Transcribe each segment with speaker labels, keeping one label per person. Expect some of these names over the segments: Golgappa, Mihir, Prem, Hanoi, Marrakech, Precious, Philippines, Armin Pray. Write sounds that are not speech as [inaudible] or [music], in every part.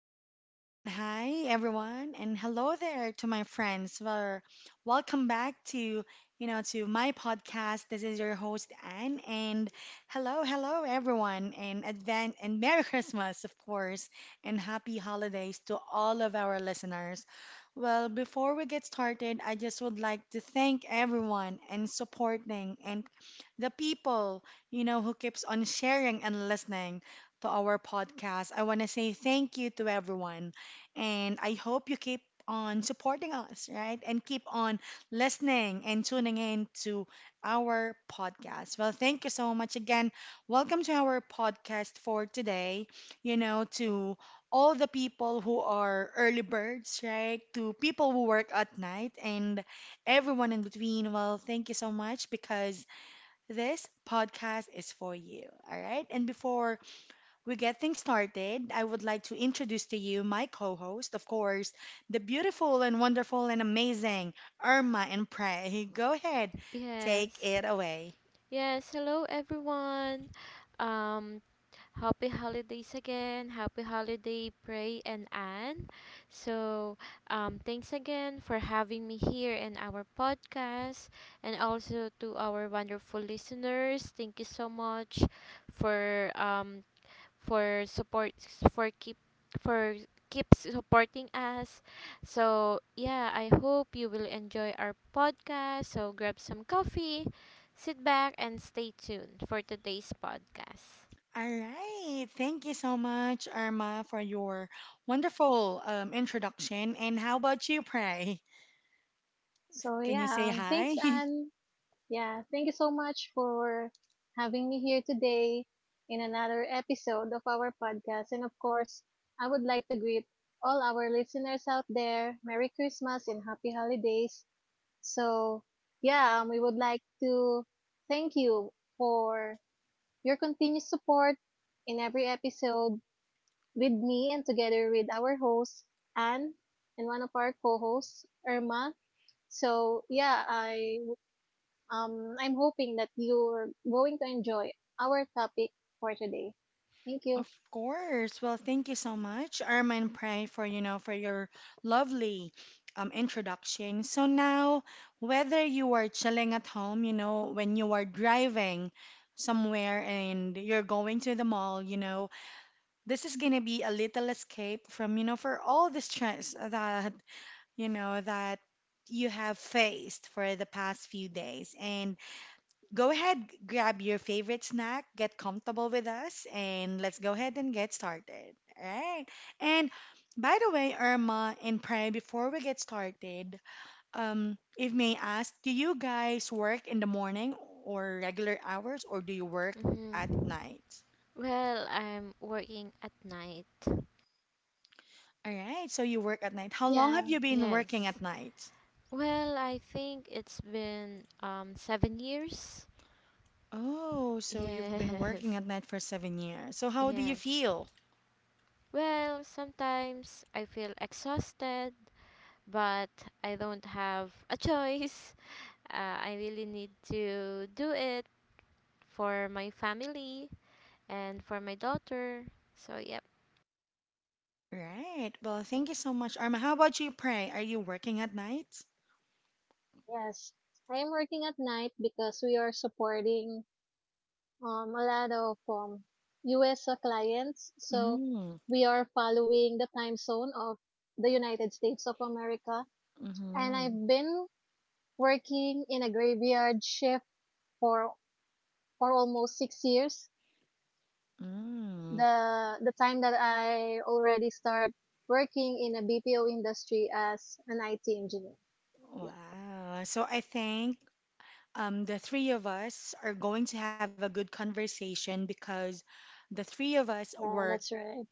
Speaker 1: good morning, and hi everyone, and hello there to my friends. Well, welcome back to to my podcast. This is your host Anne, and hello, hello everyone, and advan and Merry Christmas, of course, and happy holidays to all of our listeners. Well, before we get started, I just would like to thank everyone and supporting and the people, you know, who keeps on sharing and listening to our podcast. I want to say thank you to everyone. And I hope you keep on supporting us, right? And keep on listening and tuning in to our podcast. Well, thank you so much again. Welcome to our podcast for today. You know, to all the people who are early birds, right? To people who work at night and everyone in between. Well, thank you so much because this podcast is for you, all right? And before we get things started, I would like to introduce to you my co host, of course, the beautiful and wonderful and amazing Irma and Prey. [laughs] Go ahead, take
Speaker 2: Yes.
Speaker 1: it away.
Speaker 2: Yes. Hello, everyone. Um, Happy holidays again. Happy holiday, Pray and Anne. So, thanks again for having me here in our podcast, and also to our wonderful listeners. Thank you so much for um for support for keep for keep supporting us. So yeah, I hope you will enjoy our podcast. So grab some coffee, sit back and stay tuned for today's podcast.
Speaker 1: All right. Thank you so much, Irma, for your wonderful introduction. And how about you, Prey?
Speaker 3: So
Speaker 1: Can you say
Speaker 3: yeah, thanks
Speaker 1: hi? [laughs]
Speaker 3: Anne. Yeah, thank you so much for having me here today in another episode of our podcast. And of course, I would like to greet all our listeners out there. Merry Christmas and happy holidays. So yeah, we would like to thank you for your continuous support in every episode with me and together with our host Anne and one of our co-hosts Irma. So yeah, I'm hoping that you're going to enjoy our topic for today. Thank you.
Speaker 1: Of course. Well, thank you so much, Armin Pray, for for your lovely introduction. So now, whether you are chilling at home, you know, when you are driving somewhere and you're going to the mall, you know, this is gonna be a little escape from for all the stress that you know that you have faced for the past few days and go ahead, grab your favorite snack, get comfortable with us, and let's go ahead and get started. All right. And by the way, Irma and Prey, before we get started, if may I ask, do you guys work in the morning or regular hours, or do you work at
Speaker 2: hmm
Speaker 1: night?
Speaker 2: Well, I'm working at night.
Speaker 1: All right. So you work at night. How long have
Speaker 3: Yeah,
Speaker 1: you been working at
Speaker 2: Yes.
Speaker 1: night?
Speaker 2: Well, I think it's been 7 years.
Speaker 1: Oh, so you've been
Speaker 2: Yes.
Speaker 1: working
Speaker 2: [laughs]
Speaker 1: at night for 7 years. So how do you
Speaker 2: Yes.
Speaker 1: feel?
Speaker 2: Well, sometimes I feel exhausted, but I don't have a choice. [laughs] I really need to do it for my family and for my daughter. So, yep.
Speaker 1: Right. Well, thank you so much, Arma. How about you, Pray? Are you working at night?
Speaker 3: yes. I'm working at night because we are supporting a lot of US clients. So
Speaker 1: Mm,
Speaker 3: we are following the time zone of the United States of America. And
Speaker 1: mm-hmm,
Speaker 3: I've been working in a graveyard shift for, for almost 6 years.
Speaker 1: mm.
Speaker 3: The time that I already start working in a BPO industry as an IT engineer. Yeah.
Speaker 1: Wow. So I think the three of us are going to have a good conversation because the three of us
Speaker 3: Yeah,
Speaker 1: work
Speaker 3: that's right.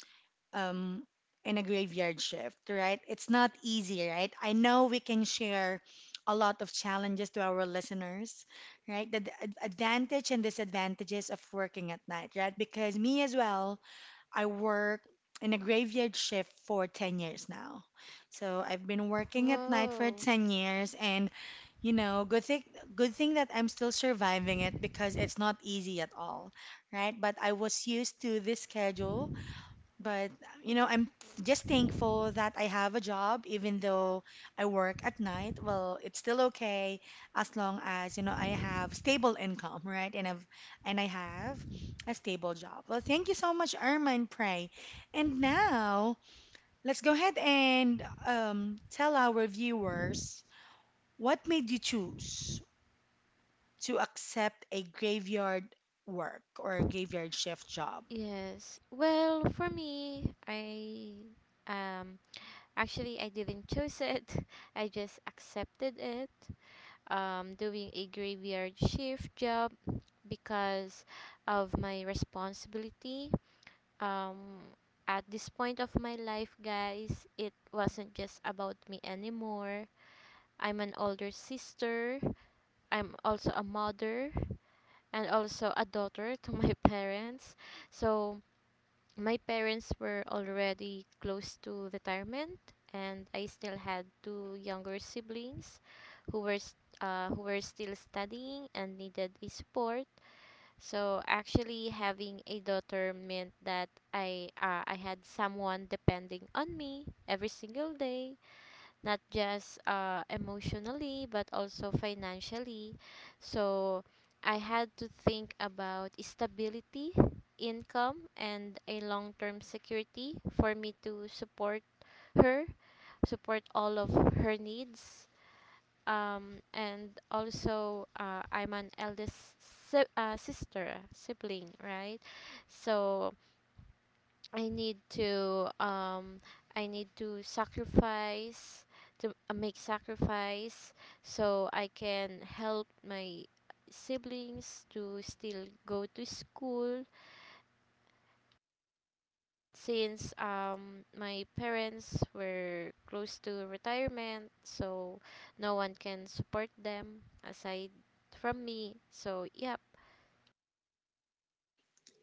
Speaker 1: um, in a graveyard shift, right? It's not easy, right? I know we can share a lot of challenges to our listeners, right? The advantage and disadvantages of working at night, right? Because me as well. I work in a graveyard shift for 10 years now. So I've been working at night for
Speaker 2: Whoa.
Speaker 1: 10 years and, you know, good thing that I'm still surviving it because it's not easy at all, right? But I was used to this schedule but, you know, I'm just thankful that I have a job, even though I work at night. Well, it's still okay as long as, you know, I have stable income, right? And I have a stable job. Well, thank you so much, Irma and Pray. And now, let's go ahead and tell our viewers what made you choose to accept a graveyard work or a graveyard shift job.
Speaker 2: Yes. Well, for me, I um actually I didn't choose it. [laughs] I just accepted it. Doing a graveyard shift job because of my responsibility, um at this point of my life, guys, it wasn't just about me anymore. I'm an older sister, I'm also a mother and also a daughter to my [laughs] parents. So my parents were already close to retirement, and I still had two younger siblings who were still studying and needed a support. So actually, having a daughter meant that I had someone depending on me every single day, not just emotionally but also financially. So I had to think about stability, income, and a long-term security for me to support her, support all of her needs, and also I'm an eldest sister sibling, right? So I need to um, I need to sacrifice, to make sacrifice so I can help my siblings to still go to school, since my parents were close to retirement, so no one can support them aside from me. So, yep.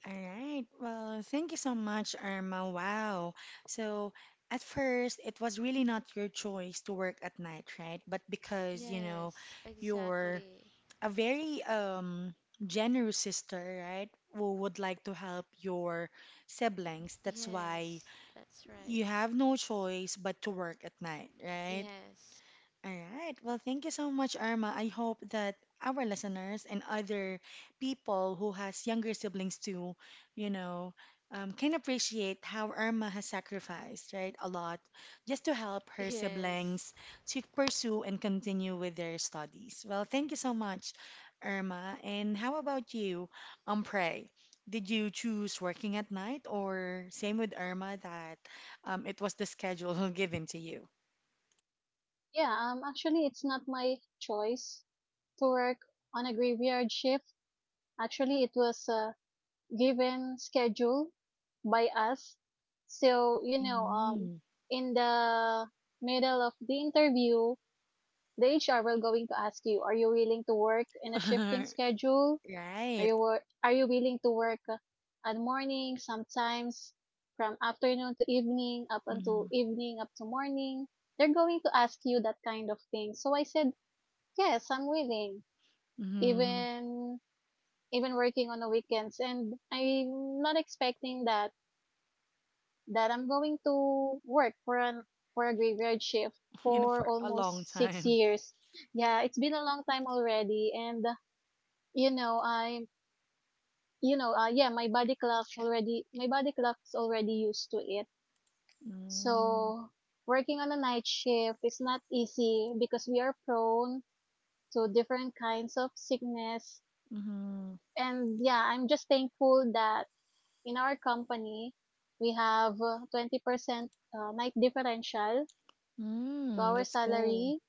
Speaker 1: All right. Well, thank you so much, Irma. Wow. So, at first, it was really not your choice to work at night, right? But because, you know,
Speaker 2: Yes,
Speaker 1: you're
Speaker 2: exactly.
Speaker 1: a very generous sister, right? Who would like to help your siblings. That's why
Speaker 2: Yes, that's right.
Speaker 1: you have no choice but to work at night, right?
Speaker 2: Yes,
Speaker 1: All right. Well, thank you so much, Irma. I hope that our listeners and other people who has younger siblings too, you know, can appreciate how Irma has sacrificed, right, a lot just to help her
Speaker 2: yes,
Speaker 1: siblings to pursue and continue with their studies. Well, thank you so much, Irma. And how about you, Pray? Did you choose working at night or same with Irma that it was the schedule [laughs] given to you?
Speaker 3: Yeah, actually it's not my choice to work on a graveyard shift. Actually, it was a given schedule by us. So, you know,
Speaker 1: Hmm.
Speaker 3: in the middle of the interview, the HR will going to ask you, are you willing to work in a shifting
Speaker 1: [laughs]
Speaker 3: schedule?
Speaker 1: Right.
Speaker 3: Are you willing to work at morning, sometimes from afternoon to evening, up until
Speaker 1: Mm-hmm.
Speaker 3: evening, up to morning? They're going to ask you that kind of thing. So I said, yes, I'm willing.
Speaker 1: Mm-hmm.
Speaker 3: Even Even working on the weekends, and I'm not expecting that I'm going to work for a graveyard shift
Speaker 1: [laughs] In
Speaker 3: for
Speaker 1: for a long
Speaker 3: almost six
Speaker 1: time.
Speaker 3: years. Yeah, it's been a long time already, and you know, I'm you know, yeah, my body clock's already used to it.
Speaker 1: Mm,
Speaker 3: So working on a night shift is not easy because we are prone to different kinds of sickness.
Speaker 1: mm-hmm.
Speaker 3: And yeah, I'm just thankful that in our company we have 20% night differential to
Speaker 1: Mm,
Speaker 3: our
Speaker 1: that's cool.
Speaker 3: salary,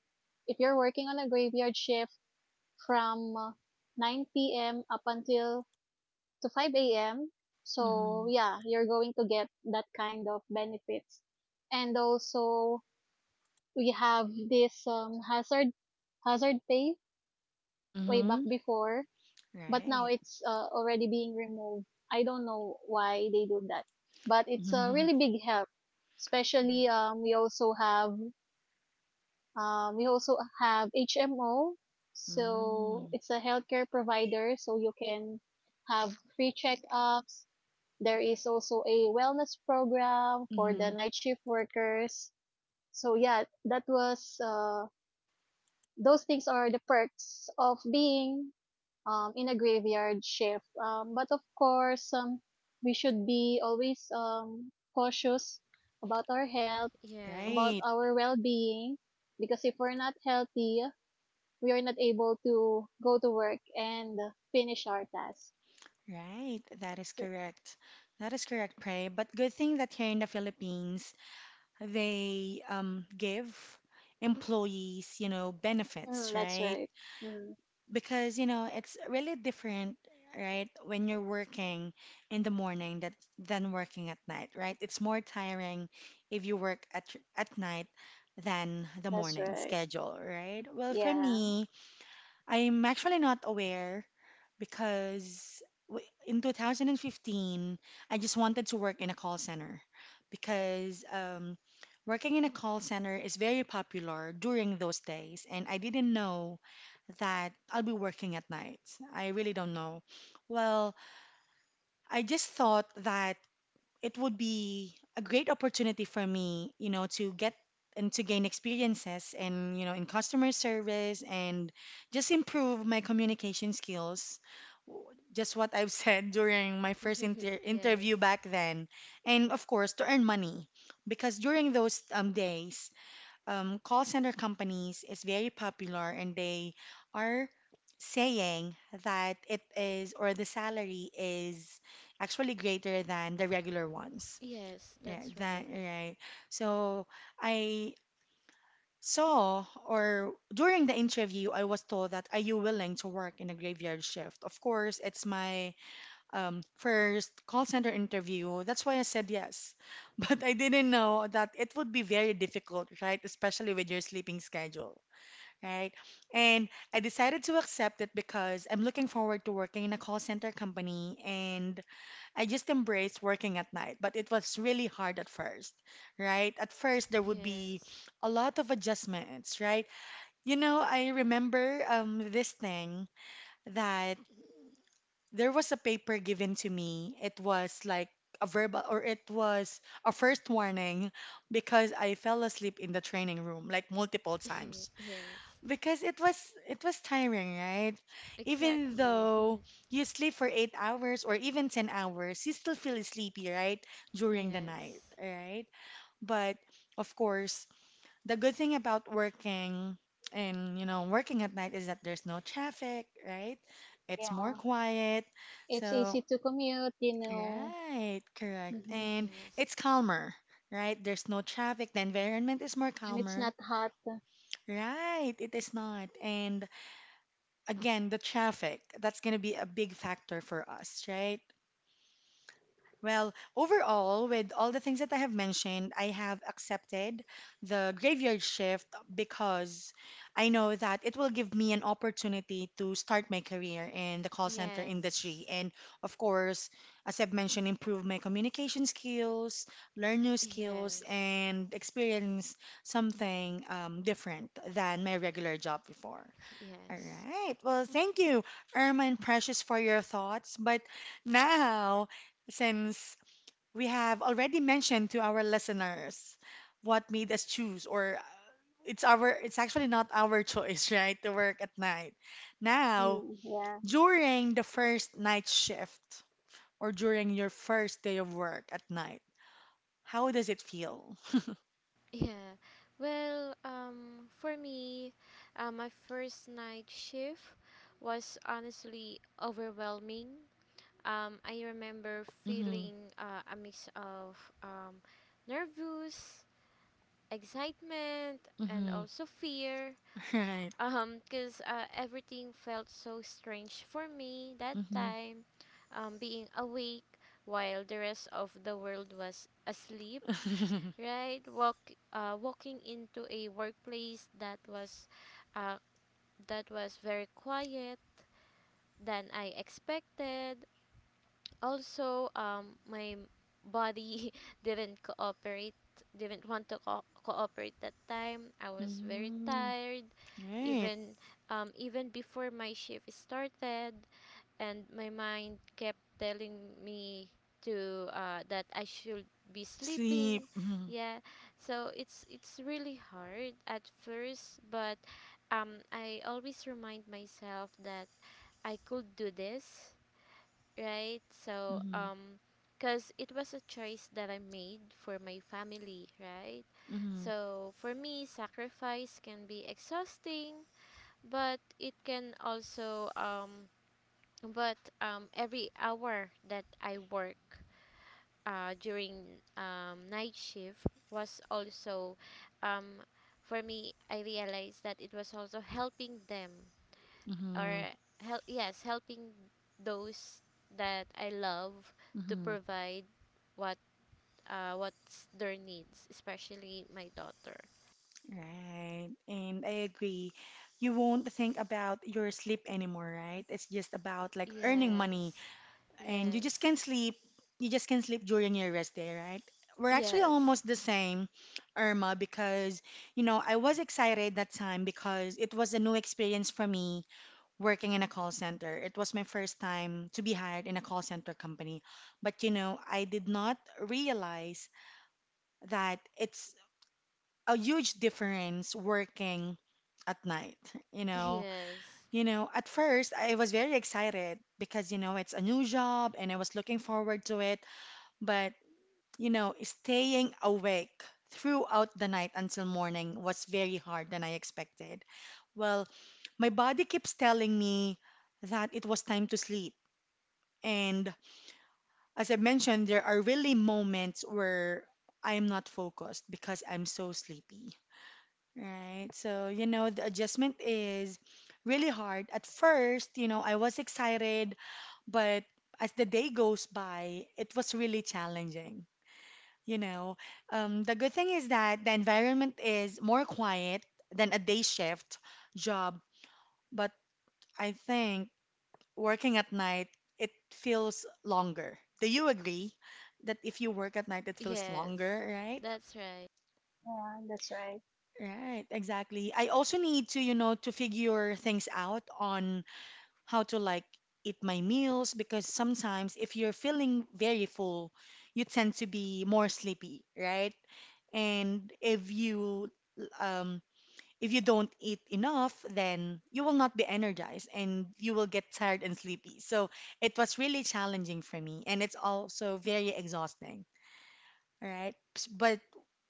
Speaker 3: if you're working on a graveyard shift from 9 p.m. up until to 5 a.m.
Speaker 1: Mm-hmm.
Speaker 3: So yeah, you're going to get that kind of benefits. And also we have this hazard pay way back
Speaker 1: Mm-hmm.
Speaker 3: before, but now
Speaker 1: Right.
Speaker 3: it's already being removed. I don't know why they do that, but it's a
Speaker 1: Mm-hmm.
Speaker 3: really big help. Especially we also have HMO, so
Speaker 1: Mm-hmm.
Speaker 3: it's a healthcare provider, so you can have free checkups. There is also a wellness program for
Speaker 1: Mm-hmm.
Speaker 3: the night shift workers. So yeah, that was those things are the perks of being in a graveyard shift. But of course, we should be always cautious about our health,
Speaker 2: yes,
Speaker 3: about
Speaker 1: Right.
Speaker 3: our well-being, because if we're not healthy, we are not able to go to work and finish our task.
Speaker 1: Right. That is
Speaker 3: So-
Speaker 1: correct. That is correct, Pray. But good thing that here in the Philippines, they give employees, you know, benefits,
Speaker 3: Mm, that's
Speaker 1: right?
Speaker 3: right. Mm,
Speaker 1: Because, you know, it's really different, right, when you're working in the morning, that than working at night, right? It's more tiring if you work at night than the
Speaker 3: that's
Speaker 1: morning
Speaker 3: right.
Speaker 1: schedule, right? Well, for
Speaker 3: Yeah.
Speaker 1: me, I'm actually not aware because in 2015, I just wanted to work in a call center because working in a call center is very popular during those days, and I didn't know that I'll be working at night. I really don't know. Well, I just thought that it would be a great opportunity for me, you know, to get and to gain experiences and, you know, in customer service and just improve my communication skills. W- Just what I've [laughs] said during my first
Speaker 2: [laughs] yes,
Speaker 1: interview back then. And of course, to earn money because during those days, call center companies is very popular and they are saying that it is or the salary is actually greater than the regular ones.
Speaker 2: yes,
Speaker 1: Yeah,
Speaker 2: that's
Speaker 1: that
Speaker 2: right.
Speaker 1: right. So I saw or during the interview I was told that are you willing to work in a graveyard shift? Of course, it's my first call center interview. That's why I said yes. [laughs] But I didn't know that it would be very difficult, right? Especially with your sleeping schedule, right? And I decided to accept it because I'm looking forward to working in a call center company and I just embraced working at night. But it was really hard at first, right? At first, there would be
Speaker 2: Yes,
Speaker 1: a lot of adjustments, right? You know, I remember this thing that there was a paper given to me. It was like a verbal, or it was a first warning because I fell asleep in the training room like multiple times
Speaker 2: [laughs] yes,
Speaker 1: because it was tiring, right? Even
Speaker 2: exactly.
Speaker 1: though
Speaker 2: [laughs]
Speaker 1: you sleep for 8 hours or even 10 hours, you still feel sleepy, right? During the night,
Speaker 2: Yes,
Speaker 1: right? But of course, the good thing about working and, you know, working at night is that there's no traffic, right? It's more
Speaker 3: Yeah,
Speaker 1: quiet.
Speaker 3: it's
Speaker 1: So
Speaker 3: easy to commute, you know.
Speaker 1: right, correct.
Speaker 3: Mhm.
Speaker 1: And
Speaker 2: yes,
Speaker 1: it's calmer, right? There's no traffic. The environment is more
Speaker 3: And it's not
Speaker 1: calmer.
Speaker 3: hot.
Speaker 1: Right, it is not. And again, the traffic, that's going to be a big factor for us, right? Well, overall, with all the things that I have mentioned, I have accepted the graveyard shift because I know that it will give me an opportunity to start my career in the call center
Speaker 2: yes,
Speaker 1: industry. And of course, as I've mentioned, improve my communication skills, learn new skills,
Speaker 2: yes.
Speaker 1: and experience something different than my regular job before. All
Speaker 2: Yes.
Speaker 1: right. Well, thank you, Irma and Precious, for your thoughts. But now, since we have already mentioned to our listeners what made us choose or it's our it's actually not our [laughs] choice, right, to work at night, now
Speaker 3: Mm, yeah,
Speaker 1: during the first night shift or during your first day of work at night, how does it feel?
Speaker 2: Yeah. Well, for me, my first night shift was honestly overwhelming. I remember
Speaker 1: Mm-hmm.
Speaker 2: feeling a mix of um, nervous, excitement, and
Speaker 1: Mm-hmm.
Speaker 2: also fear.
Speaker 1: [laughs] Right.
Speaker 2: [laughs] Because everything felt so strange for me that
Speaker 1: Mm-hmm.
Speaker 2: time. Being awake while the rest of the world was asleep, right? Walking into a workplace that was, uh, very quiet than I expected. Also, my body [laughs] didn't cooperate, didn't want to cooperate that time. I
Speaker 1: [laughs]
Speaker 2: was very
Speaker 1: Mm.
Speaker 2: tired,
Speaker 1: Right.
Speaker 2: even, even before my shift started, and my mind kept telling me to that I should be
Speaker 1: Sleep.
Speaker 2: sleeping.
Speaker 1: Mhm.
Speaker 2: Yeah, so it's really hard at first, but I always remind myself that I could do this, right? So
Speaker 1: Mm-hmm.
Speaker 2: because it was a choice that I made for my family, right?
Speaker 1: Mm-hmm.
Speaker 2: So for me, sacrifice can be exhausting, but it can also, but every hour that I work, during night shift was also, um, for me, I realized that it was also helping them, or yes, helping those that I love, to
Speaker 1: Mm-hmm.
Speaker 2: provide what, what's their needs, especially my daughter.
Speaker 1: Right, and I agree. You won't think about your sleep anymore, right? It's just about like earning money,
Speaker 2: Yes,
Speaker 1: and you just
Speaker 2: yes,
Speaker 1: can sleep. You just can sleep during your rest day, right? We're actually
Speaker 2: yes,
Speaker 1: almost the same, Irma, because, you know, I was excited that time because it was a new experience for me working in a call center. It was my first time to be hired in a call center company, but, you know, I did not realize that it's a huge difference working at night, you know
Speaker 2: [laughs] yes,
Speaker 1: you know, at first I was very excited because, you know, it's a new job and I was looking forward to it, but, you know, staying awake throughout the night until morning was very hard than I expected. Well, my body keeps telling me that it was time to sleep, and as I mentioned, there are really moments where I am not focused because I'm so sleepy. Right. So, you know, the adjustment is really hard. At first, you know, I was excited, but as the day goes by, it was really challenging. You know, the good thing is that the environment is more quiet than a day shift job, but I think working at night, it feels longer. Do you agree that if you work at night, it feels
Speaker 2: yes.
Speaker 1: longer, right?
Speaker 2: That's right.
Speaker 3: yeah, that's right.
Speaker 1: Right, exactly. I also need to, you know, to figure things out on how to like eat my meals because sometimes if you're feeling very full, you tend to be more sleepy, right? And um if you don't eat enough, then you will not be energized and you will get tired and sleepy. So it was really challenging for me, and it's also very exhausting. All right? But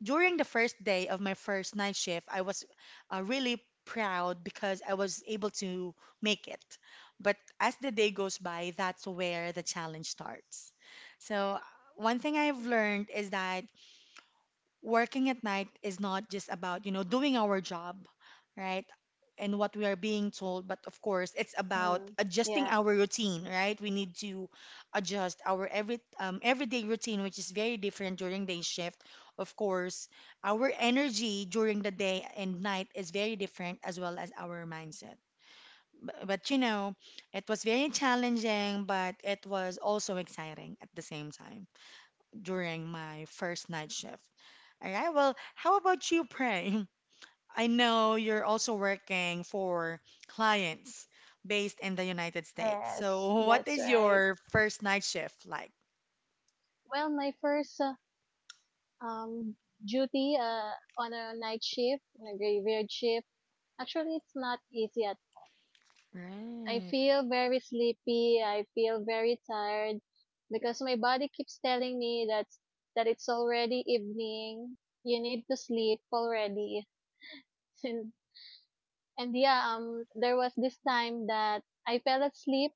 Speaker 1: during the first day of my first night shift, I was really proud because I was able to make it. But as the day goes by, that's where the challenge starts. So, one thing I've learned is that working at night is not just about, you know, doing our job right and what we are being told, but of course it's about
Speaker 3: Mm,
Speaker 1: adjusting
Speaker 3: yeah,
Speaker 1: our routine, right? We need to adjust our every everyday routine, which is very different during day shift. Of course, our energy during the day and night is very different, as well as our mindset. But you know, it was very challenging, but it was also exciting at the same time during my first night shift. All right. Well, how about you, Prem? [laughs] I know you're also working for clients based in the United States.
Speaker 3: yes,
Speaker 1: So, [laughs] what
Speaker 3: that's
Speaker 1: is
Speaker 3: right.
Speaker 1: your first night shift like?
Speaker 3: Well, my first um duty on a night shift, on a graveyard shift, actually it's not easy at. I
Speaker 1: Right.
Speaker 3: feel very sleepy. I feel very tired because my body keeps telling me that it's already evening. You need to sleep already. [laughs] And yeah, there was this time that I fell asleep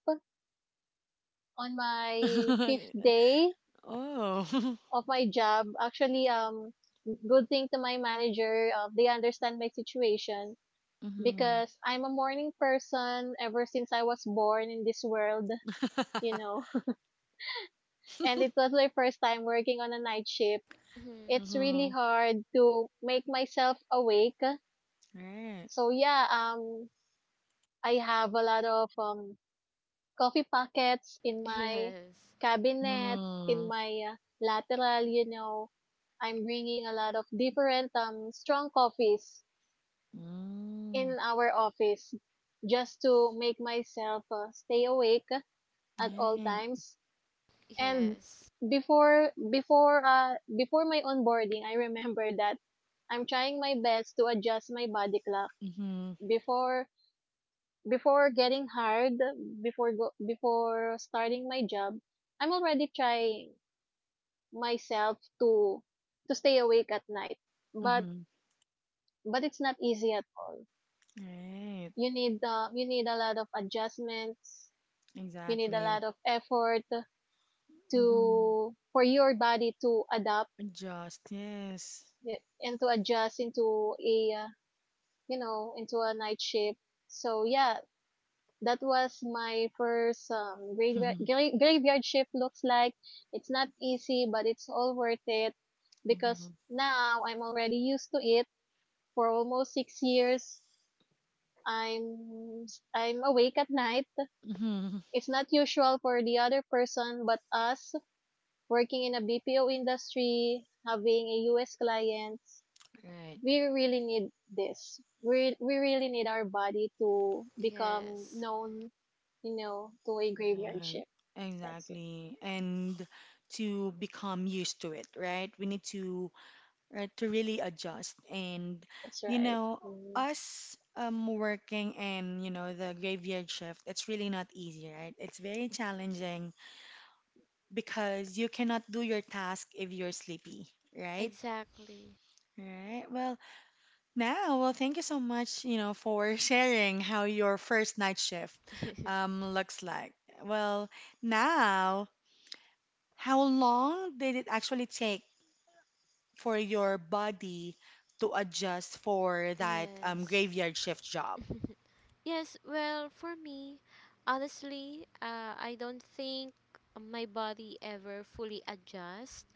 Speaker 3: on my fifth
Speaker 1: [laughs]
Speaker 3: day
Speaker 1: Oh. [laughs]
Speaker 3: of my job. Actually, good thing to my manager, they understand my situation
Speaker 1: Mm-hmm.
Speaker 3: because I'm a morning person ever since I was born in this world, you know. [laughs] And it was my first time working on a night shift.
Speaker 2: Mhm.
Speaker 3: It's
Speaker 1: Mm-hmm.
Speaker 3: really hard to make myself awake.
Speaker 1: Right.
Speaker 3: So yeah, I have a lot of coffee packets in my
Speaker 2: Yes,
Speaker 3: cabinet, in
Speaker 1: Mm.
Speaker 3: my lateral, you know. I'm bringing a lot of different strong coffees
Speaker 1: Mm.
Speaker 3: in our office just to make myself stay awake at all
Speaker 1: Right.
Speaker 3: times. And
Speaker 2: yes,
Speaker 3: before my onboarding, I remember that I'm trying my best to adjust my body clock
Speaker 1: Mm-hmm.
Speaker 3: before before getting hired, before starting my job. I'm already trying myself to stay awake at night. But
Speaker 1: Mm-hmm.
Speaker 3: but it's not easy at all.
Speaker 1: Right.
Speaker 3: You need a lot of adjustments. You need a
Speaker 1: Exactly.
Speaker 3: lot of effort
Speaker 1: Mm-hmm.
Speaker 3: to for your body to adapt
Speaker 1: Adjust. Yes.
Speaker 3: eh, and to adjust into a you know, into a night shift. So yeah, that was my first
Speaker 1: [laughs]
Speaker 3: graveyard shift looks like. It's not easy, but it's all worth it because
Speaker 1: Mm-hmm.
Speaker 3: now I'm already used to it for almost 6 years. I'm I'm awake at night.
Speaker 1: Mm-hmm.
Speaker 3: It's not usual for the other person, but us working in a BPO industry, having a US clients,
Speaker 1: Right.
Speaker 3: we really need this. We really need our body to become
Speaker 2: yes,
Speaker 3: known, you know, to a graveyard
Speaker 1: Right,
Speaker 3: shift. That's it.
Speaker 1: exactly. And to become used to it, right? We need to, right, to really adjust. And
Speaker 3: That's
Speaker 1: you
Speaker 3: right.
Speaker 1: know, us working in, you know, the graveyard shift, it's really not easy, right? It's very challenging because you cannot do your task if you're sleepy, right?
Speaker 2: exactly.
Speaker 1: Right. Well, now, well, thank you so much, you know, for [laughs] sharing how your first night shift
Speaker 2: [laughs]
Speaker 1: looks like. Well, now, how long did it actually take for your body to adjust for that
Speaker 2: Yes,
Speaker 1: graveyard shift job?
Speaker 2: yes. Well, for me, honestly, I don't think my body ever fully adjusts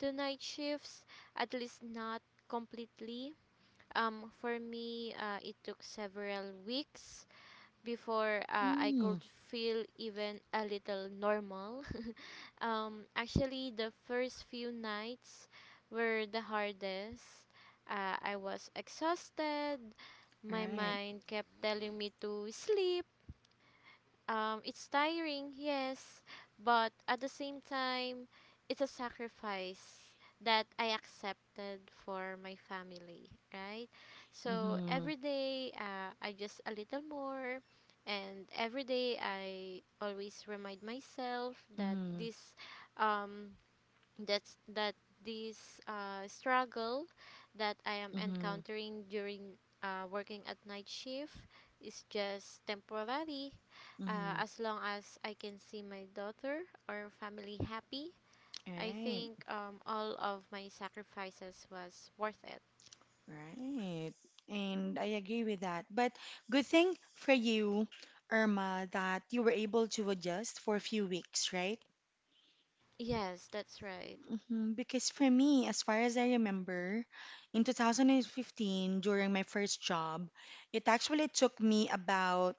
Speaker 2: to night shifts. At least not completely. For me, it took several weeks before, I
Speaker 1: Mm,
Speaker 2: could feel even a little normal. Actually, the first few nights were the hardest. I was exhausted. My
Speaker 1: right.
Speaker 2: mind kept telling me to sleep, it's tiring, yes, but at the same time, it's a sacrifice that I accepted for my family, right? So
Speaker 1: Mm-hmm.
Speaker 2: every day, I just a little more, and every day I always remind myself that
Speaker 1: Mm-hmm.
Speaker 2: this um, that's that this struggle that I am
Speaker 1: Mm-hmm.
Speaker 2: encountering during, working at night shift is just temporary.
Speaker 1: Mm-hmm.
Speaker 2: As long as I can see my daughter or family happy, I
Speaker 1: Right.
Speaker 2: think all of my sacrifices was worth it.
Speaker 1: Right. And I agree with that. But good thing for you, Irma, that you were able to adjust for a few weeks, right?
Speaker 2: Yes, that's right.
Speaker 1: Mhm. Because for me, as far as I remember, in 2015, during my first job, it actually took me about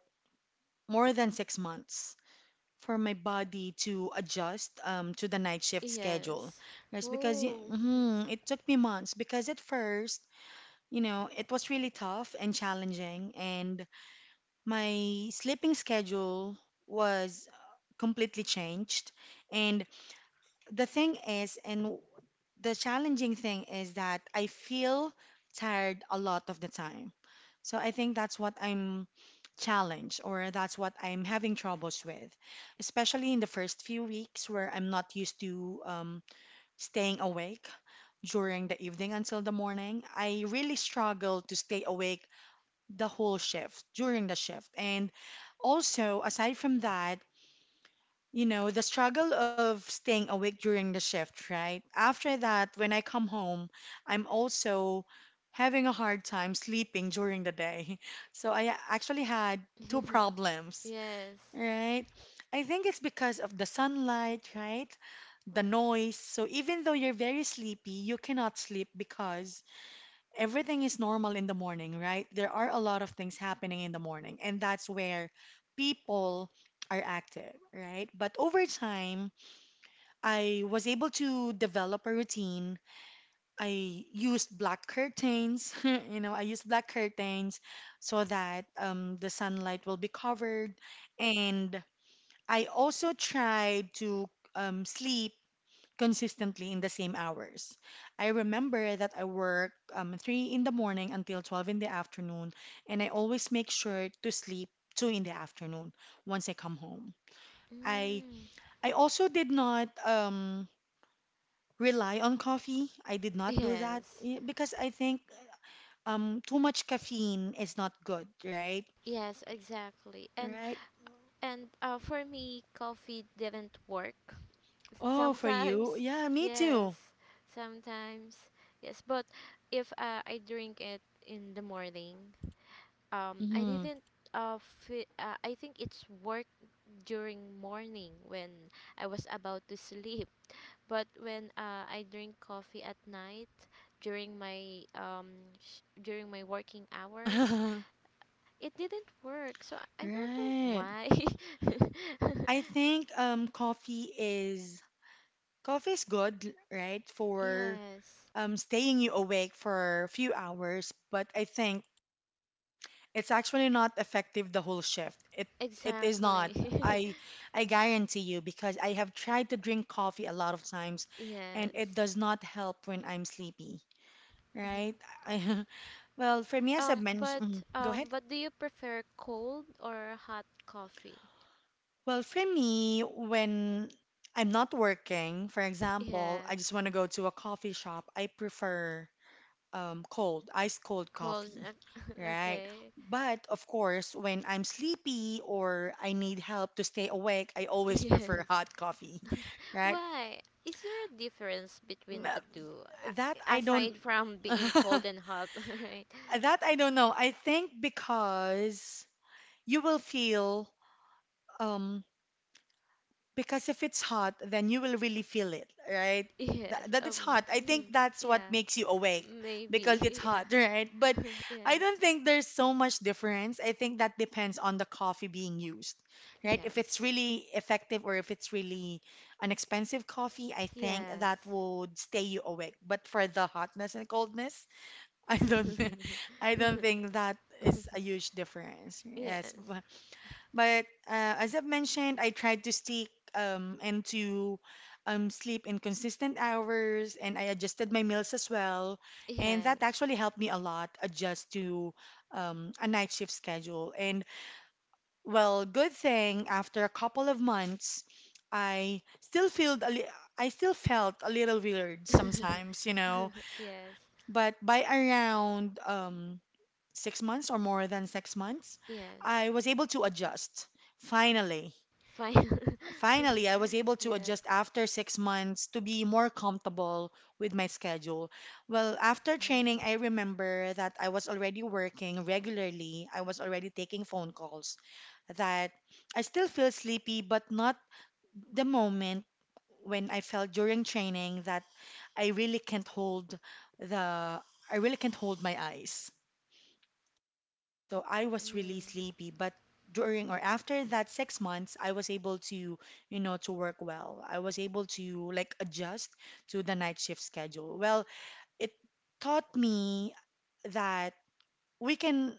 Speaker 1: more than 6 months for my body to adjust to the night shift schedule.
Speaker 2: Yes.
Speaker 1: That's because
Speaker 2: Whoa.
Speaker 1: mhm, it took me months because at first, you know, it was really tough and challenging, and my sleeping schedule was completely changed. And the thing is, and the challenging thing is that I feel tired a lot of the time. So I think that's what I'm challenged, or that's what I'm having troubles with, especially in the first few weeks where I'm not used to staying awake during the evening until the morning. I really struggle to stay awake the whole shift during the shift. And also, aside from that, you know, the struggle of staying awake during the shift, right? After that, when I come home, I'm also having a hard time sleeping during the day. [laughs] So I actually had two [laughs]
Speaker 2: [laughs]
Speaker 1: problems,
Speaker 2: Yes.
Speaker 1: right? I think it's because of the sunlight, right? The noise. So even though you're very sleepy, you cannot sleep because everything is normal in the morning, right? There are a lot of things happening in the morning, and that's where people are active, right? But over time, I was able to develop a routine. I used black curtains, [laughs] you know, I used black curtains so that the sunlight will be covered. And I also tried to sleep consistently in the same hours. I remember that I work 3 in the morning until 12 in the afternoon, and I always make sure to sleep 2 in the afternoon once I come home. I
Speaker 2: Mm.
Speaker 1: I also did not rely on coffee. I did not do that
Speaker 2: Yes.
Speaker 1: eh, because I think too much caffeine is not good, right?
Speaker 2: Yes, exactly. And
Speaker 1: Right.
Speaker 2: And uh, for me, coffee didn't work.
Speaker 1: Oh, for you.
Speaker 2: Sometimes,
Speaker 1: Yeah,
Speaker 2: [laughs]
Speaker 1: me
Speaker 2: yes,
Speaker 1: too.
Speaker 2: sometimes, yes. But if, I drink it in the morning, I
Speaker 1: Hmm.
Speaker 2: didn't. Fe I think it's work during morning when I was about to sleep. But when, I drink coffee at night during my working hours,
Speaker 1: [laughs]
Speaker 2: it didn't work. So I don't know
Speaker 1: Right.
Speaker 2: why. [laughs]
Speaker 1: I think um, Coffee is good, right, for
Speaker 2: Yes,
Speaker 1: staying you awake for a few hours, but I think it's actually not effective the whole shift. It is not.
Speaker 2: exactly. [laughs]
Speaker 1: I I guarantee you because I have tried to drink coffee a lot of times, and it
Speaker 2: Yes.
Speaker 1: does not help when I'm sleepy, right?
Speaker 2: hmm
Speaker 1: I, [laughs] well, for me, as I
Speaker 2: Um,
Speaker 1: mentioned,
Speaker 2: but
Speaker 1: mm-hmm, go
Speaker 2: um,
Speaker 1: ahead.
Speaker 2: but do you prefer cold or hot coffee?
Speaker 1: Well, for me, when I'm not working, for
Speaker 2: [laughs]
Speaker 1: example,
Speaker 2: Yeah,
Speaker 1: I just want to go to a coffee shop. I prefer cold, ice cold
Speaker 2: cold.
Speaker 1: coffee,
Speaker 2: [laughs]
Speaker 1: right?
Speaker 2: Okay. [laughs]
Speaker 1: But of course, when I'm sleepy or I need help to stay awake, I always
Speaker 2: Yes.
Speaker 1: prefer [laughs] hot coffee,
Speaker 2: [laughs]
Speaker 1: right?
Speaker 2: Why? Is there a difference
Speaker 1: N-
Speaker 2: between the two,
Speaker 1: That I don't,
Speaker 2: aside from
Speaker 1: [laughs]
Speaker 2: being
Speaker 1: that
Speaker 2: cold and hot, [laughs] right?
Speaker 1: I don't know. I think because you will feel um because if it's hot, then you will really feel it, right? That,
Speaker 2: Yes.
Speaker 1: that it's hot. I
Speaker 2: Mm,
Speaker 1: think that's what
Speaker 2: yeah.
Speaker 1: makes you awake because
Speaker 2: Maybe.
Speaker 1: it's
Speaker 2: [laughs]
Speaker 1: hot, [laughs] right? But
Speaker 2: Yeah.
Speaker 1: I don't
Speaker 2: [laughs]
Speaker 1: think there's so much difference. I think that depends on the coffee being used, right? If it's
Speaker 2: Yes.
Speaker 1: really effective or if it's really an expensive coffee, I think that
Speaker 2: Yes.
Speaker 1: would stay you awake. But for the hotness and coldness, [laughs] I
Speaker 2: Yes.
Speaker 1: don't, I don't think that is a
Speaker 2: [laughs]
Speaker 1: huge difference. Yes.
Speaker 2: Yes.
Speaker 1: But as I've mentioned, I tried to stick and to sleep in consistent hours, and I adjusted my meals as well. And that
Speaker 2: Yes.
Speaker 1: actually helped me a lot adjust to a night shift schedule. And well, good thing after a couple of months, I still feel a I still felt a little weird
Speaker 2: [laughs]
Speaker 1: sometimes, you know.
Speaker 2: Yes.
Speaker 1: But by around 6 months or more than 6 months, I
Speaker 2: Yes.
Speaker 1: was able to adjust finally
Speaker 2: Fine. [laughs]
Speaker 1: finally I was able to adjust
Speaker 2: Yes.
Speaker 1: after 6 months to be more comfortable with my schedule. Well, after
Speaker 2: Oh.
Speaker 1: training, I remember that I was already working regularly, I was already taking phone calls, that I still feel sleepy, but not the moment when I felt during training that I really can't hold the I really can't hold my eyes. So I was really
Speaker 2: Mm.
Speaker 1: sleepy, but during or after that 6 months, I was able to, you know, to work well. I was able to like adjust to the night shift schedule. Well, it taught me that we can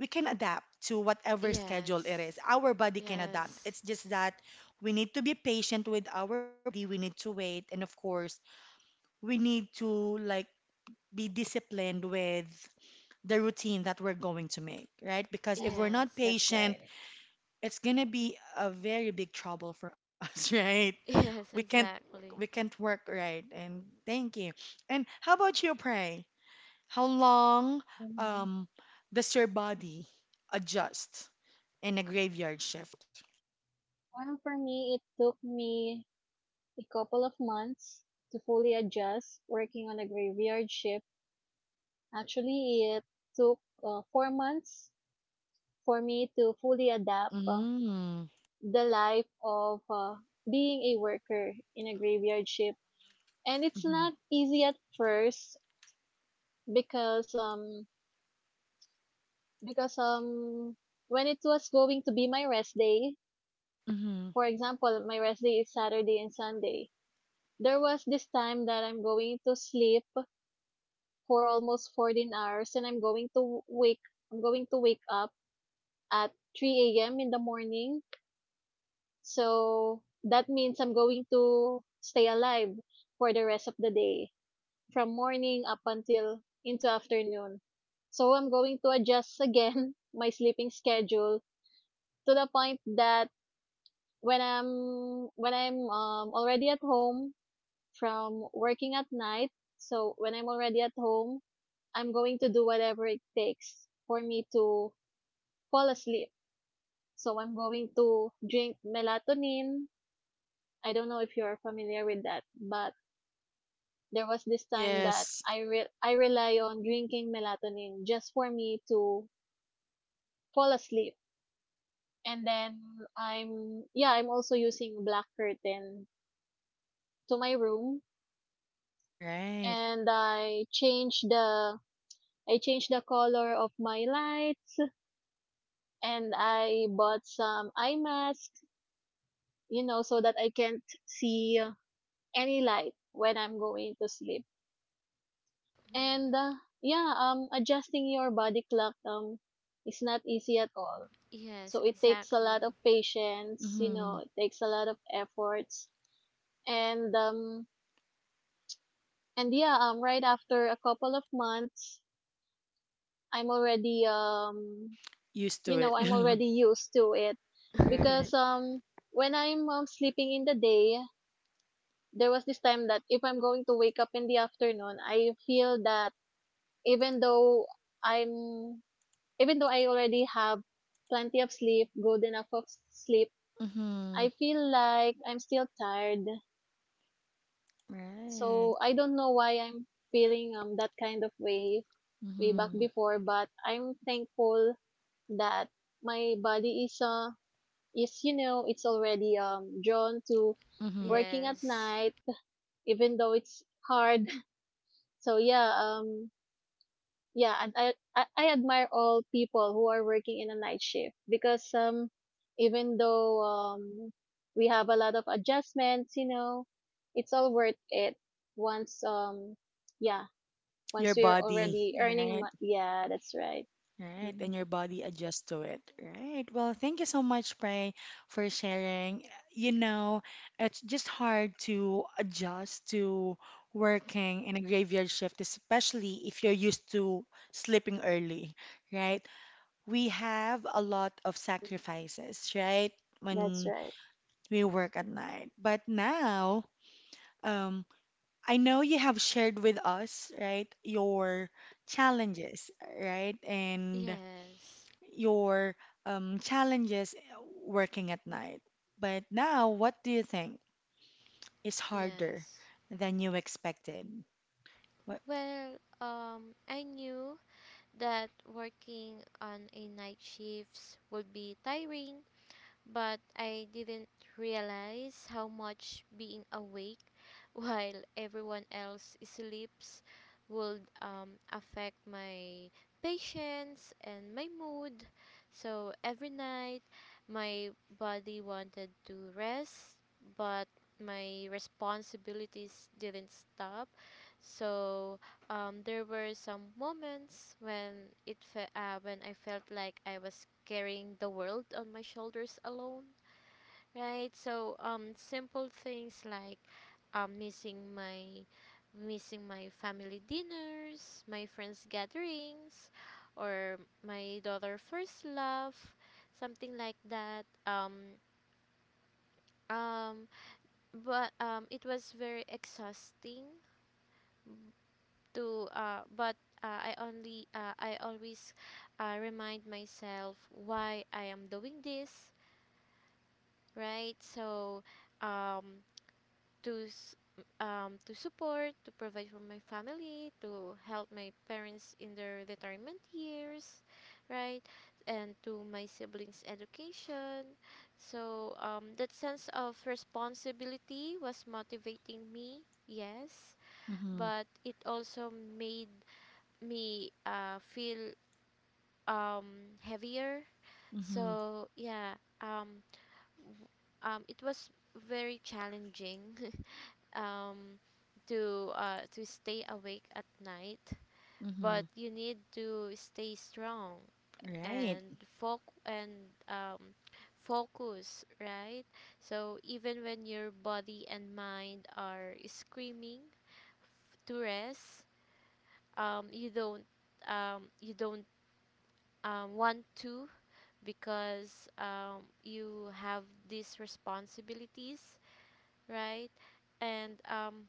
Speaker 1: we can adapt to whatever schedule it
Speaker 2: Yes.
Speaker 1: is. Our body can adapt.
Speaker 2: Yes.
Speaker 1: It's just that we need to be patient with our body. We need to wait, and of course, we need to like be disciplined with the routine that we're going to make, right? Because
Speaker 3: Yeah,
Speaker 1: if we're not
Speaker 3: that's
Speaker 2: Yes.
Speaker 1: patient,
Speaker 3: right.
Speaker 1: it's gonna be a very big trouble for [laughs] us, right? We
Speaker 2: Yes,
Speaker 1: can't work.
Speaker 2: exactly.
Speaker 1: We can't work, right? And thank you. And how about you, Pray? How long
Speaker 3: hmm
Speaker 1: um does your body adjust in a graveyard shift?
Speaker 3: Well, for me, it took me a couple of months to fully adjust working on a graveyard shift. Actually, it took 4 months for me to fully adapt
Speaker 1: Mm.
Speaker 3: the life of being a worker in a graveyard shift. And it's
Speaker 1: Mm-hmm.
Speaker 3: not easy at first because um because when it was going to be my rest day-
Speaker 1: Mm-hmm.
Speaker 3: For example, my rest day is Saturday and Sunday. There was this time that I'm going to sleep for almost 14 hours and I'm going to wake up at 3 a.m. in the morning. So that means I'm going to stay alive for the rest of the day from morning up until into afternoon. So I'm going to adjust again [laughs] my sleeping schedule to the point that when I'm already at home from working at night. So when I'm already at home, I'm going to do whatever it takes for me to fall asleep. So I'm going to drink melatonin. I don't know if you're familiar with that, but there was this time that
Speaker 1: Yes.
Speaker 3: I rely on drinking melatonin just for me to fall asleep. And then I'm also using black curtain to my room,
Speaker 1: Right.
Speaker 3: and I change the color of my light, and I bought some eye mask, you know, so that I can't see any light when I'm going to sleep.
Speaker 2: Mm.
Speaker 3: And yeah, adjusting your body clock is not easy at all.
Speaker 2: Yes,
Speaker 3: So it takes a lot
Speaker 2: exactly.
Speaker 3: of patience, you
Speaker 1: Mm-hmm.
Speaker 3: know, it takes a lot of efforts. And um and yeah, right after a couple of months, I'm already
Speaker 1: Used
Speaker 3: you
Speaker 1: to it.
Speaker 3: know, I'm
Speaker 1: [laughs]
Speaker 3: already used to it because
Speaker 1: Right.
Speaker 2: [laughs]
Speaker 3: when I'm sleeping in the day, there was this time that if I'm going to wake up in the afternoon, I feel that even though I'm even though I already have plenty of sleep, good enough of s- sleep,
Speaker 1: Mm-hmm.
Speaker 3: I feel like I'm still tired.
Speaker 1: Right.
Speaker 3: So I don't know why I'm feeling that kind of way way back
Speaker 1: Mm-hmm.
Speaker 3: before, but I'm thankful that my body is you know it's already drawn to
Speaker 1: Mm-hmm.
Speaker 3: working at
Speaker 2: Yes.
Speaker 3: night even though it's hard. [laughs] So yeah, yeah and I admire all people who are working in a night shift because even though we have a lot of adjustments, you know it's all worth it once yeah once
Speaker 1: Your
Speaker 3: we're
Speaker 1: body,
Speaker 3: already
Speaker 1: right?
Speaker 3: yeah, that's right.
Speaker 1: Right,
Speaker 3: hmm
Speaker 1: and your body adjusts to it. Right. Well, thank you so much, Pray, for sharing. You know, it's just hard to adjust to working in a graveyard shift, especially if you're used to sleeping early, right? We have a lot of
Speaker 3: Mm.
Speaker 1: sacrifices, right?
Speaker 3: That's
Speaker 1: When
Speaker 3: right.
Speaker 1: we work at night. But now, um, I know you have shared with us, right, your challenges, right? And
Speaker 2: Yes.
Speaker 1: your challenges working at night. But now, what do you think is harder
Speaker 2: Yes.
Speaker 1: than you expected? What?
Speaker 2: Well, I knew that working on a night shifts would be tiring, but I didn't realize how much being awake [laughs] while everyone else sleeps would, affect my patience and my mood. So every night, my body wanted to rest, but my responsibilities didn't stop. So there were some moments when I felt like I was carrying the world on my shoulders alone, right? So simple things like, um, missing my missing my family dinners, my friends gatherings, or my daughter first love, something like that. Um, but it was very exhausting to, but I only, I always, remind myself why I am doing this, right? So um, to s- to support, to provide for my family, to help my parents in their retirement years, right? And to my siblings' education. So that sense of responsibility was motivating me, yes,
Speaker 1: Mm-hmm,
Speaker 2: but it also made me, feel heavier.
Speaker 1: mm-hmm,
Speaker 2: So yeah, um, it was very challenging, [laughs] um, to stay awake at night, but
Speaker 1: mm-hmm.
Speaker 2: you need to stay strong
Speaker 1: Right,
Speaker 2: and foc and focus, right? So even when your body and mind are screaming to rest, um, you don't you don't want to, because you have these responsibilities, right? And um,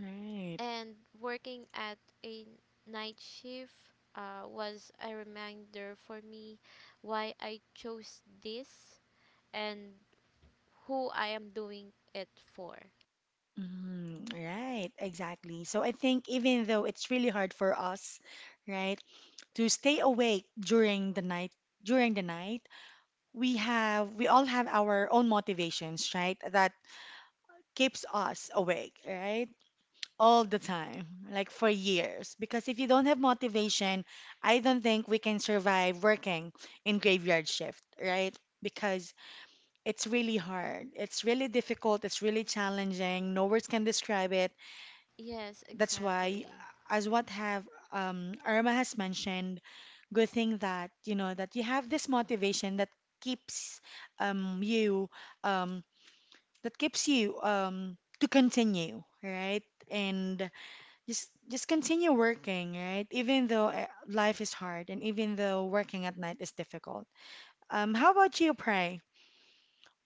Speaker 1: right.
Speaker 2: and working at a night shift, was a reminder for me why I chose this and who I am doing it for.
Speaker 1: Mm, right, exactly. So I think even though it's really hard for us, right, to stay awake during the night, we all have our own motivations, right, that keeps us awake, right? All the time, like for years. Because if you don't have motivation, I don't think we can survive working in graveyard shift, right? Because it's really hard. It's really difficult. It's really challenging. No words can describe it.
Speaker 2: Yes,
Speaker 1: That's why,
Speaker 2: exactly.
Speaker 1: as what have Irma has mentioned, good thing that you know that you have this motivation that keeps you um, that keeps you to continue, right? And just continue working, right? Even though eh, life is hard and even though working at night is difficult. How about you, Pray?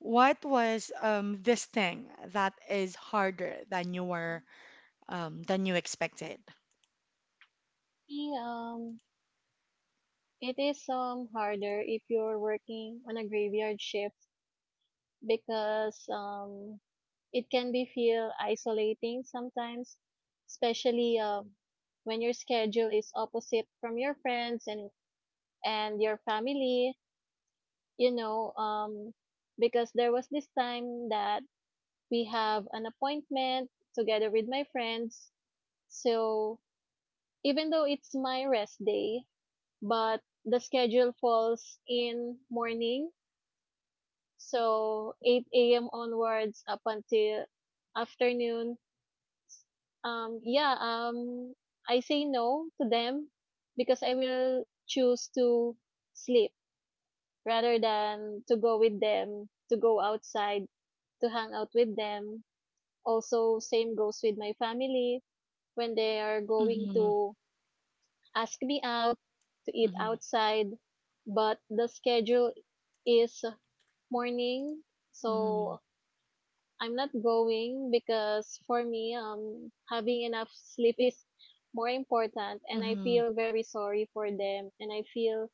Speaker 1: What was this thing that is harder than you were than you expected?
Speaker 3: Maybe it is harder if you're working on a graveyard shift because it can be feel isolating sometimes, especially when your schedule is opposite from your friends and your family. You know, because there was this time that we have an appointment together with my friends. So even though it's my rest day, but the schedule falls in morning. So 8 a.m. onwards up until afternoon. Um, yeah, um, I say no to them because I will choose to sleep rather than to go with them, to go outside, to hang out with them. Also, same goes with my family when they are going
Speaker 1: Mm-hmm,
Speaker 3: to ask me out to eat
Speaker 1: mm-hmm,
Speaker 3: outside, but the schedule is morning,
Speaker 1: mm-hmm,
Speaker 3: so I'm not going because for me, having enough sleep is more important, and I
Speaker 1: mm-hmm,
Speaker 3: feel very sorry for them, and I feel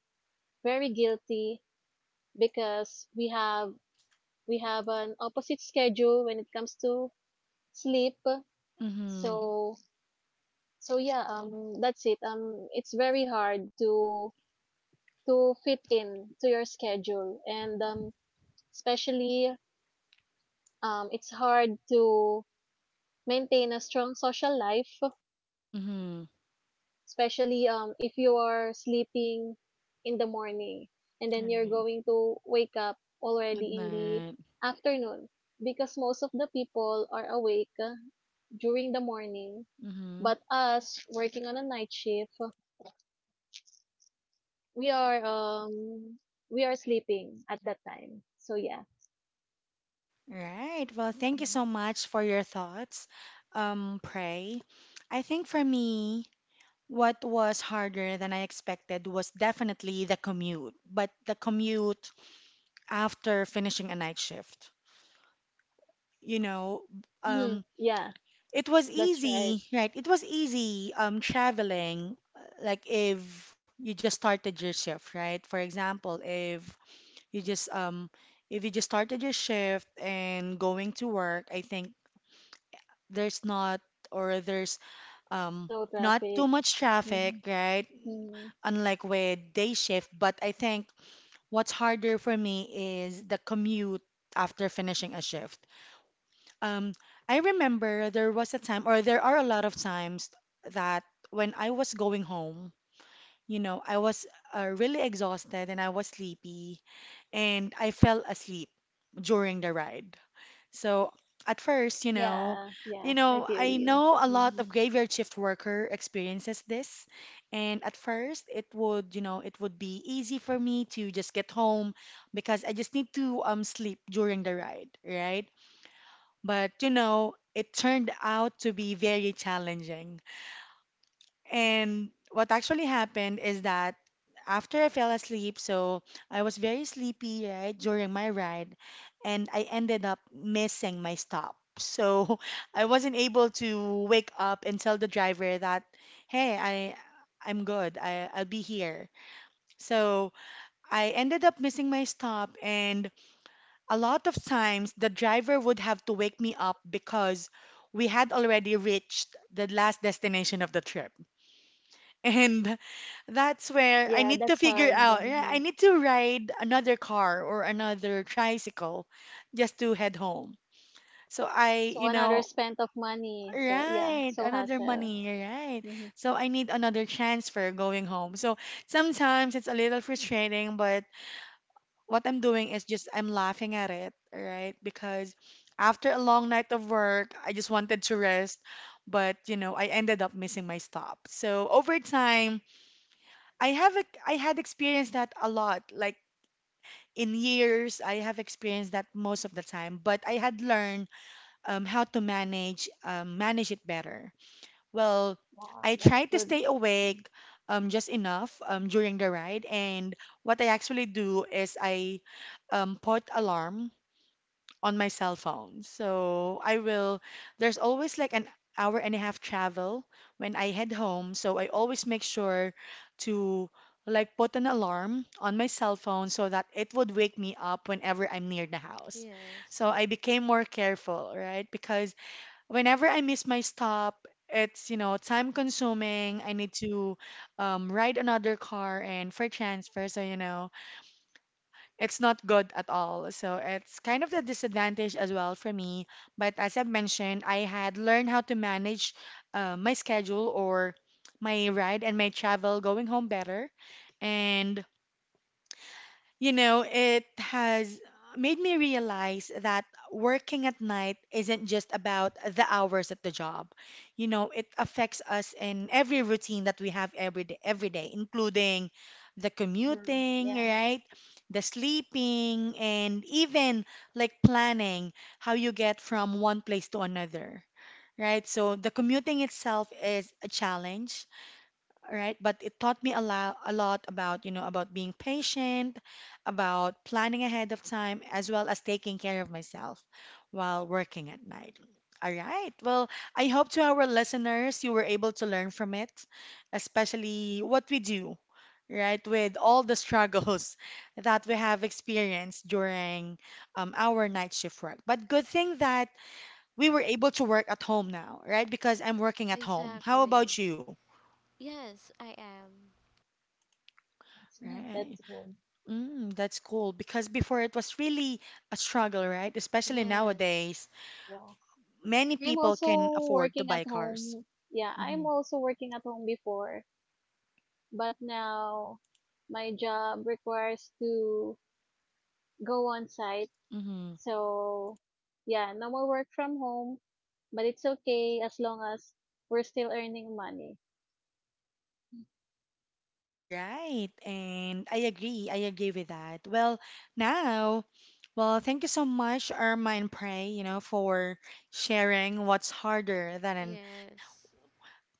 Speaker 3: very guilty because we have an opposite schedule when it comes to sleep.
Speaker 1: mm-hmm,
Speaker 3: So so yeah, that's it. It's very hard to fit in to your schedule, and especially it's hard to maintain a strong social life,
Speaker 1: mm-hmm.
Speaker 3: especially if you are sleeping in the morning and then you're
Speaker 1: Right.
Speaker 3: going to wake up
Speaker 1: At
Speaker 3: already in the
Speaker 1: night.
Speaker 3: afternoon, because most of the people are awake during the morning,
Speaker 1: Mm-hmm.
Speaker 3: but us working on a night shift, we are we are sleeping at that time. So yeah.
Speaker 1: Right. Well, thank you so much for your thoughts, Pray. I think for me, what was harder than I expected was definitely the commute, but the commute after finishing a night shift. You know,
Speaker 3: Hmm,
Speaker 1: um,
Speaker 3: yeah,
Speaker 1: it was
Speaker 3: that's right.
Speaker 1: easy, right? It was easy traveling, like if you just started your shift, right? For example, you just um, if you just started your shift and going to work, I think there's not or there's
Speaker 3: There's
Speaker 1: um,
Speaker 3: no
Speaker 1: not
Speaker 3: traffic.
Speaker 1: too much
Speaker 3: Hmm.
Speaker 1: traffic, right?
Speaker 3: Hmm.
Speaker 1: Unlike with day shift, but I think what's harder for me is the commute after finishing a shift. Um, I remember there was a time, or there are a lot of times that when I was going home, you know, I was really exhausted and I was sleepy and I fell asleep during the ride. So at first, you know,
Speaker 3: Yeah, yeah, I feel
Speaker 1: I
Speaker 3: you.
Speaker 1: know a lot
Speaker 3: Hmm,
Speaker 1: of graveyard shift worker experiences this, and at first it would, you know, it would be easy for me to just get home because I just need to sleep during the ride, right? But you know, it turned out to be very challenging. And what actually happened is that after I fell asleep, so I was very sleepy, right, during my ride, and I ended up missing my stop. So [laughs] I wasn't able to wake up and tell the driver that, hey, I'm good. I'll be here. So I ended up missing my stop, and a lot of times the driver would have to wake me up because we had already reached the last destination of the trip. And that's where I
Speaker 3: yeah,
Speaker 1: need to
Speaker 3: that's
Speaker 1: figure
Speaker 3: hard.
Speaker 1: out. Yeah,
Speaker 3: Hmm.
Speaker 1: I need to ride another car or another tricycle just to head home. So
Speaker 3: So another spent of money. So yeah, it's
Speaker 1: right,
Speaker 3: so
Speaker 1: another
Speaker 3: hassle.
Speaker 1: money, right.
Speaker 3: Hmm.
Speaker 1: So I need another transfer going home. So sometimes it's a little frustrating, but what I'm doing is just I'm laughing at it, right? Because after a long night of work, I just wanted to rest, but you know, I ended up missing my stop. So over time, I had experienced that a lot. Like in years, I have experienced that most of the time. But I had learned how to manage manage it better. Well,
Speaker 3: Wow,
Speaker 1: I
Speaker 3: that's
Speaker 1: tried to
Speaker 3: good.
Speaker 1: stay awake
Speaker 3: Mm.
Speaker 1: just enough during the ride. And what I actually do is I put alarm on my cell phone. There's always like an hour and a half travel when I head home. So I always make sure to like put an alarm on my cell phone so that it would wake me up whenever I'm near the house.
Speaker 2: Yes,
Speaker 1: So I became more careful, right? Because whenever I miss my stop, it's, you know, time consuming. I need to ride another car and for transfer. So, you know, it's not good at all. So it's kind of the disadvantage as well for me. But as I have mentioned, I had learned how to manage my schedule or my ride and my travel going home better. And you know, it has made me realize that working at night isn't just about the hours at the job. You know, it affects us in every routine that we have every day, including the
Speaker 3: Mm,
Speaker 1: commuting,
Speaker 3: yeah.
Speaker 1: right? The sleeping, and even like planning how you get from one place to another, right? So the commuting itself is a challenge, right? But it taught me a lot about, you know, about being patient, about planning ahead of time, as well as taking care of myself while working at night. All right. Well, I hope to our listeners you were able to learn from it, especially what we do, right, with all the struggles [laughs] that we have experienced during our night shift work. But good thing that we were able to work at home now, right? Because I'm working at home. How
Speaker 2: exactly.
Speaker 1: about you?
Speaker 2: Yes, I am.
Speaker 3: That's good,
Speaker 1: Right.
Speaker 3: that's good.
Speaker 1: Mm, that's cool because before it was really a struggle, right? Especially
Speaker 2: Yes,
Speaker 1: nowadays,
Speaker 3: Yeah.
Speaker 1: many
Speaker 3: I'm
Speaker 1: people can
Speaker 3: also
Speaker 1: afford to
Speaker 3: working at
Speaker 1: buy cars.
Speaker 3: home. Yeah, I'm
Speaker 1: Hmm.
Speaker 3: also working at home before, but now my job requires to go on site.
Speaker 1: Hmm.
Speaker 3: So yeah, no more work from home, but it's okay as long as we're still earning money.
Speaker 1: Right, and I agree. I agree with that. Well, now, well, thank you so much, Irma and Prey, you know, for sharing what's harder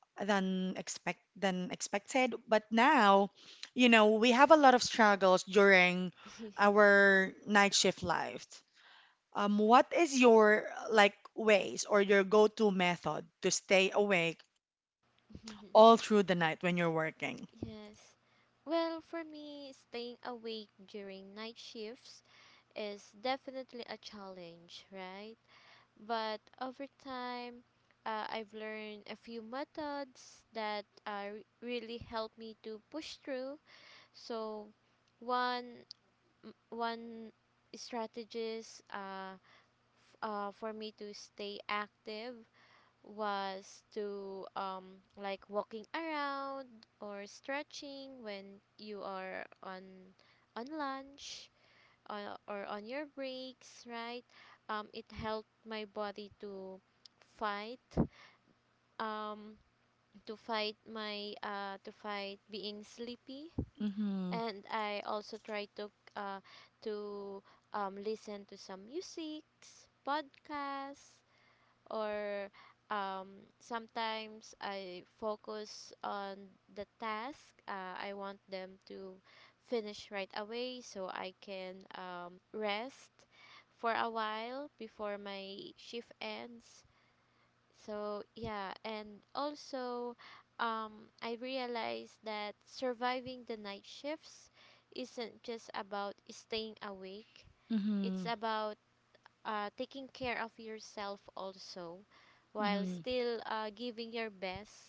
Speaker 1: than expect than expected. But now, you know, we have a lot of struggles during
Speaker 2: yes.
Speaker 1: our night shift life. What is your like ways or your go-to method to stay awake
Speaker 2: [laughs]
Speaker 1: all through the night when you're working?
Speaker 2: Yes. Well, for me, staying awake during night shifts is definitely a challenge, right? But over time, I've learned a few methods that, really help me to push through. So, one one strategies, for me to stay active was to, like walking around or stretching when you are on lunch, or on your breaks, right, it helped my body fight um to fight being sleepy,
Speaker 1: Mm-hmm.
Speaker 2: and I also try to listen to some musics, podcasts, or um, sometimes I focus on the task. I want them to finish right away, so I can, rest for a while before my shift ends. So yeah, and also, I realized that surviving the night shifts isn't just about staying awake. It's
Speaker 1: Mm-hmm.
Speaker 2: about, taking care of yourself also, while
Speaker 1: Mm-hmm.
Speaker 2: still, giving your best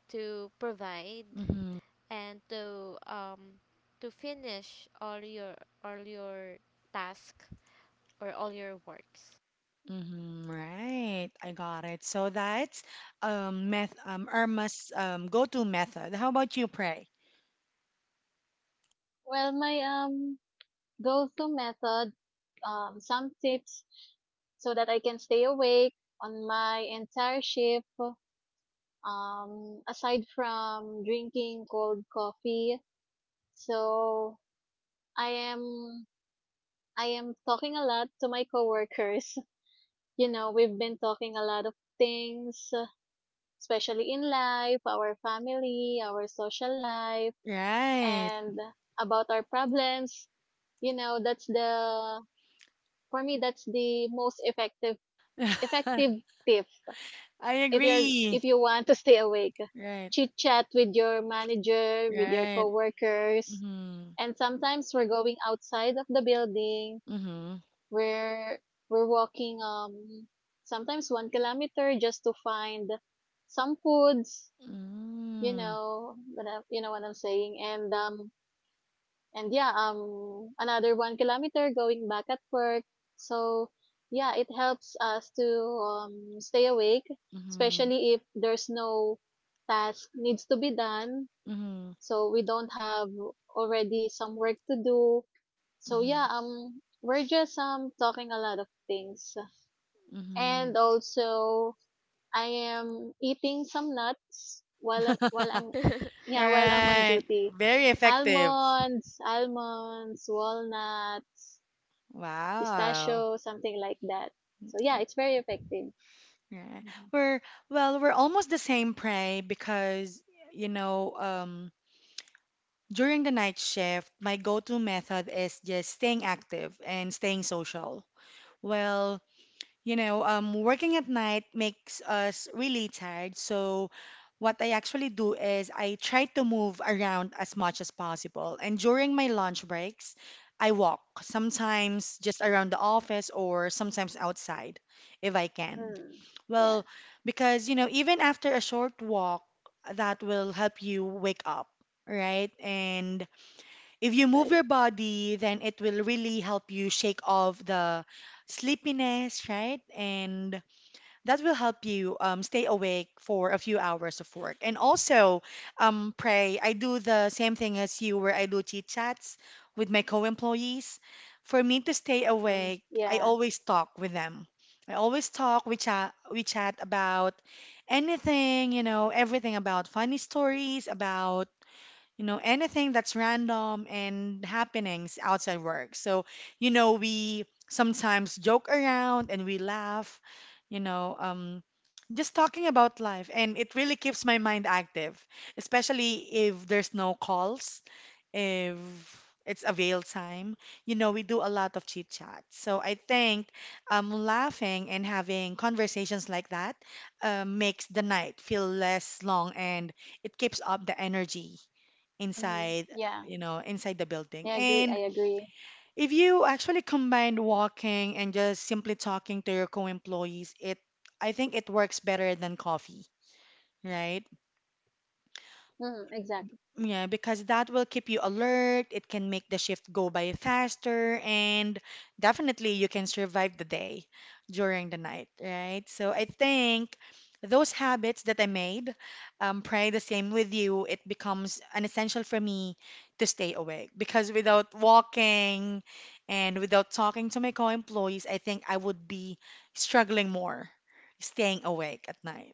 Speaker 2: to provide
Speaker 1: Mm-hmm.
Speaker 2: and to finish all your task, or all your works.
Speaker 1: Mm-hmm. Right. I got it. So that's meth Irma's go-to method. How about you, Pray?
Speaker 3: Well, my Those two methods, some tips so that I can stay awake on my entire shift. Aside from drinking cold coffee, so I am I am talking a lot to my coworkers. [laughs] You know, we've been talking a lot of things, especially in life, our family, our social life,
Speaker 1: Right.
Speaker 3: and about our problems. You know, that's the for me that's the most effective
Speaker 1: [laughs]
Speaker 3: tip.
Speaker 1: I agree.
Speaker 3: If you want to stay awake,
Speaker 1: Right.
Speaker 3: chit chat with your manager, with your
Speaker 1: Right.
Speaker 3: coworkers.
Speaker 1: Mm-hmm.
Speaker 3: And sometimes we're going outside of the building,
Speaker 1: Mm-hmm.
Speaker 3: we're we're walking, sometimes 1 kilometer just to find some foods,
Speaker 1: Mm-hmm.
Speaker 3: you know what I'm saying. And yeah, another 1 kilometer going back at work. So yeah, it helps us to stay awake,
Speaker 1: Mm-hmm.
Speaker 3: especially if there's no task needs to be done.
Speaker 1: Mm-hmm.
Speaker 3: So we don't have already some work to do. So yeah, we're just talking a lot of things,
Speaker 1: Mm-hmm.
Speaker 3: and also I am eating some nuts while
Speaker 2: [laughs]
Speaker 1: [laughs] All
Speaker 3: I'm, yeah,
Speaker 2: Right.
Speaker 3: while I'm on
Speaker 1: right.
Speaker 3: duty.
Speaker 1: Very effective.
Speaker 3: Almonds, almonds, walnuts,
Speaker 1: Wow.
Speaker 3: pistachio, something like that. So yeah, it's very effective.
Speaker 1: Yeah.
Speaker 3: Mhm.
Speaker 1: We're Well, we're almost the same prey because you know, during the night shift, my go-to method is just staying active and staying social. Well, you know, working at night makes us really tired. So, what I actually do is I try to move around as much as possible. And during my lunch breaks, I walk, sometimes just around the office or sometimes outside if I can.
Speaker 3: Mm. Yeah,
Speaker 1: Well, because, you know, even after a short walk, that will help you wake up, right? And
Speaker 3: yeah,
Speaker 1: if you
Speaker 3: that's
Speaker 1: move
Speaker 3: right.
Speaker 1: your body, then it will really help you shake off the sleepiness, right? And that will help you stay awake for a few hours of work. And also, pray. I do the same thing as you, where I do chit chats with my co-employees. For me to stay
Speaker 3: Mm.
Speaker 1: awake, I
Speaker 3: Yeah.
Speaker 1: always talk with them. I always talk, we chat about anything, you know, everything about funny stories, about you know, anything that's random and happenings outside work. So, you know, we sometimes joke around and we laugh, you know, just talking about life. And it really keeps my mind active, especially if there's no calls, if it's avail time. You know, we do a lot of chit chat. So I think laughing and having conversations like that makes the night feel less long, and it keeps up the energy
Speaker 3: Hmm,
Speaker 1: inside,
Speaker 3: yeah,
Speaker 1: you know, inside the building.
Speaker 3: I agree, I
Speaker 1: And
Speaker 3: agree.
Speaker 1: if you actually combine walking and just simply talking to your co-employees, it I think it works better than coffee, right?
Speaker 3: Mm, exactly.
Speaker 1: Yeah, because that will keep you alert, it can make the shift go by faster, and definitely you can survive the day during the night, right? So I think those habits that I made, probably the same with you, it becomes an essential for me to stay awake because without walking and without talking to my co-employees, I think I would be struggling more staying awake at night.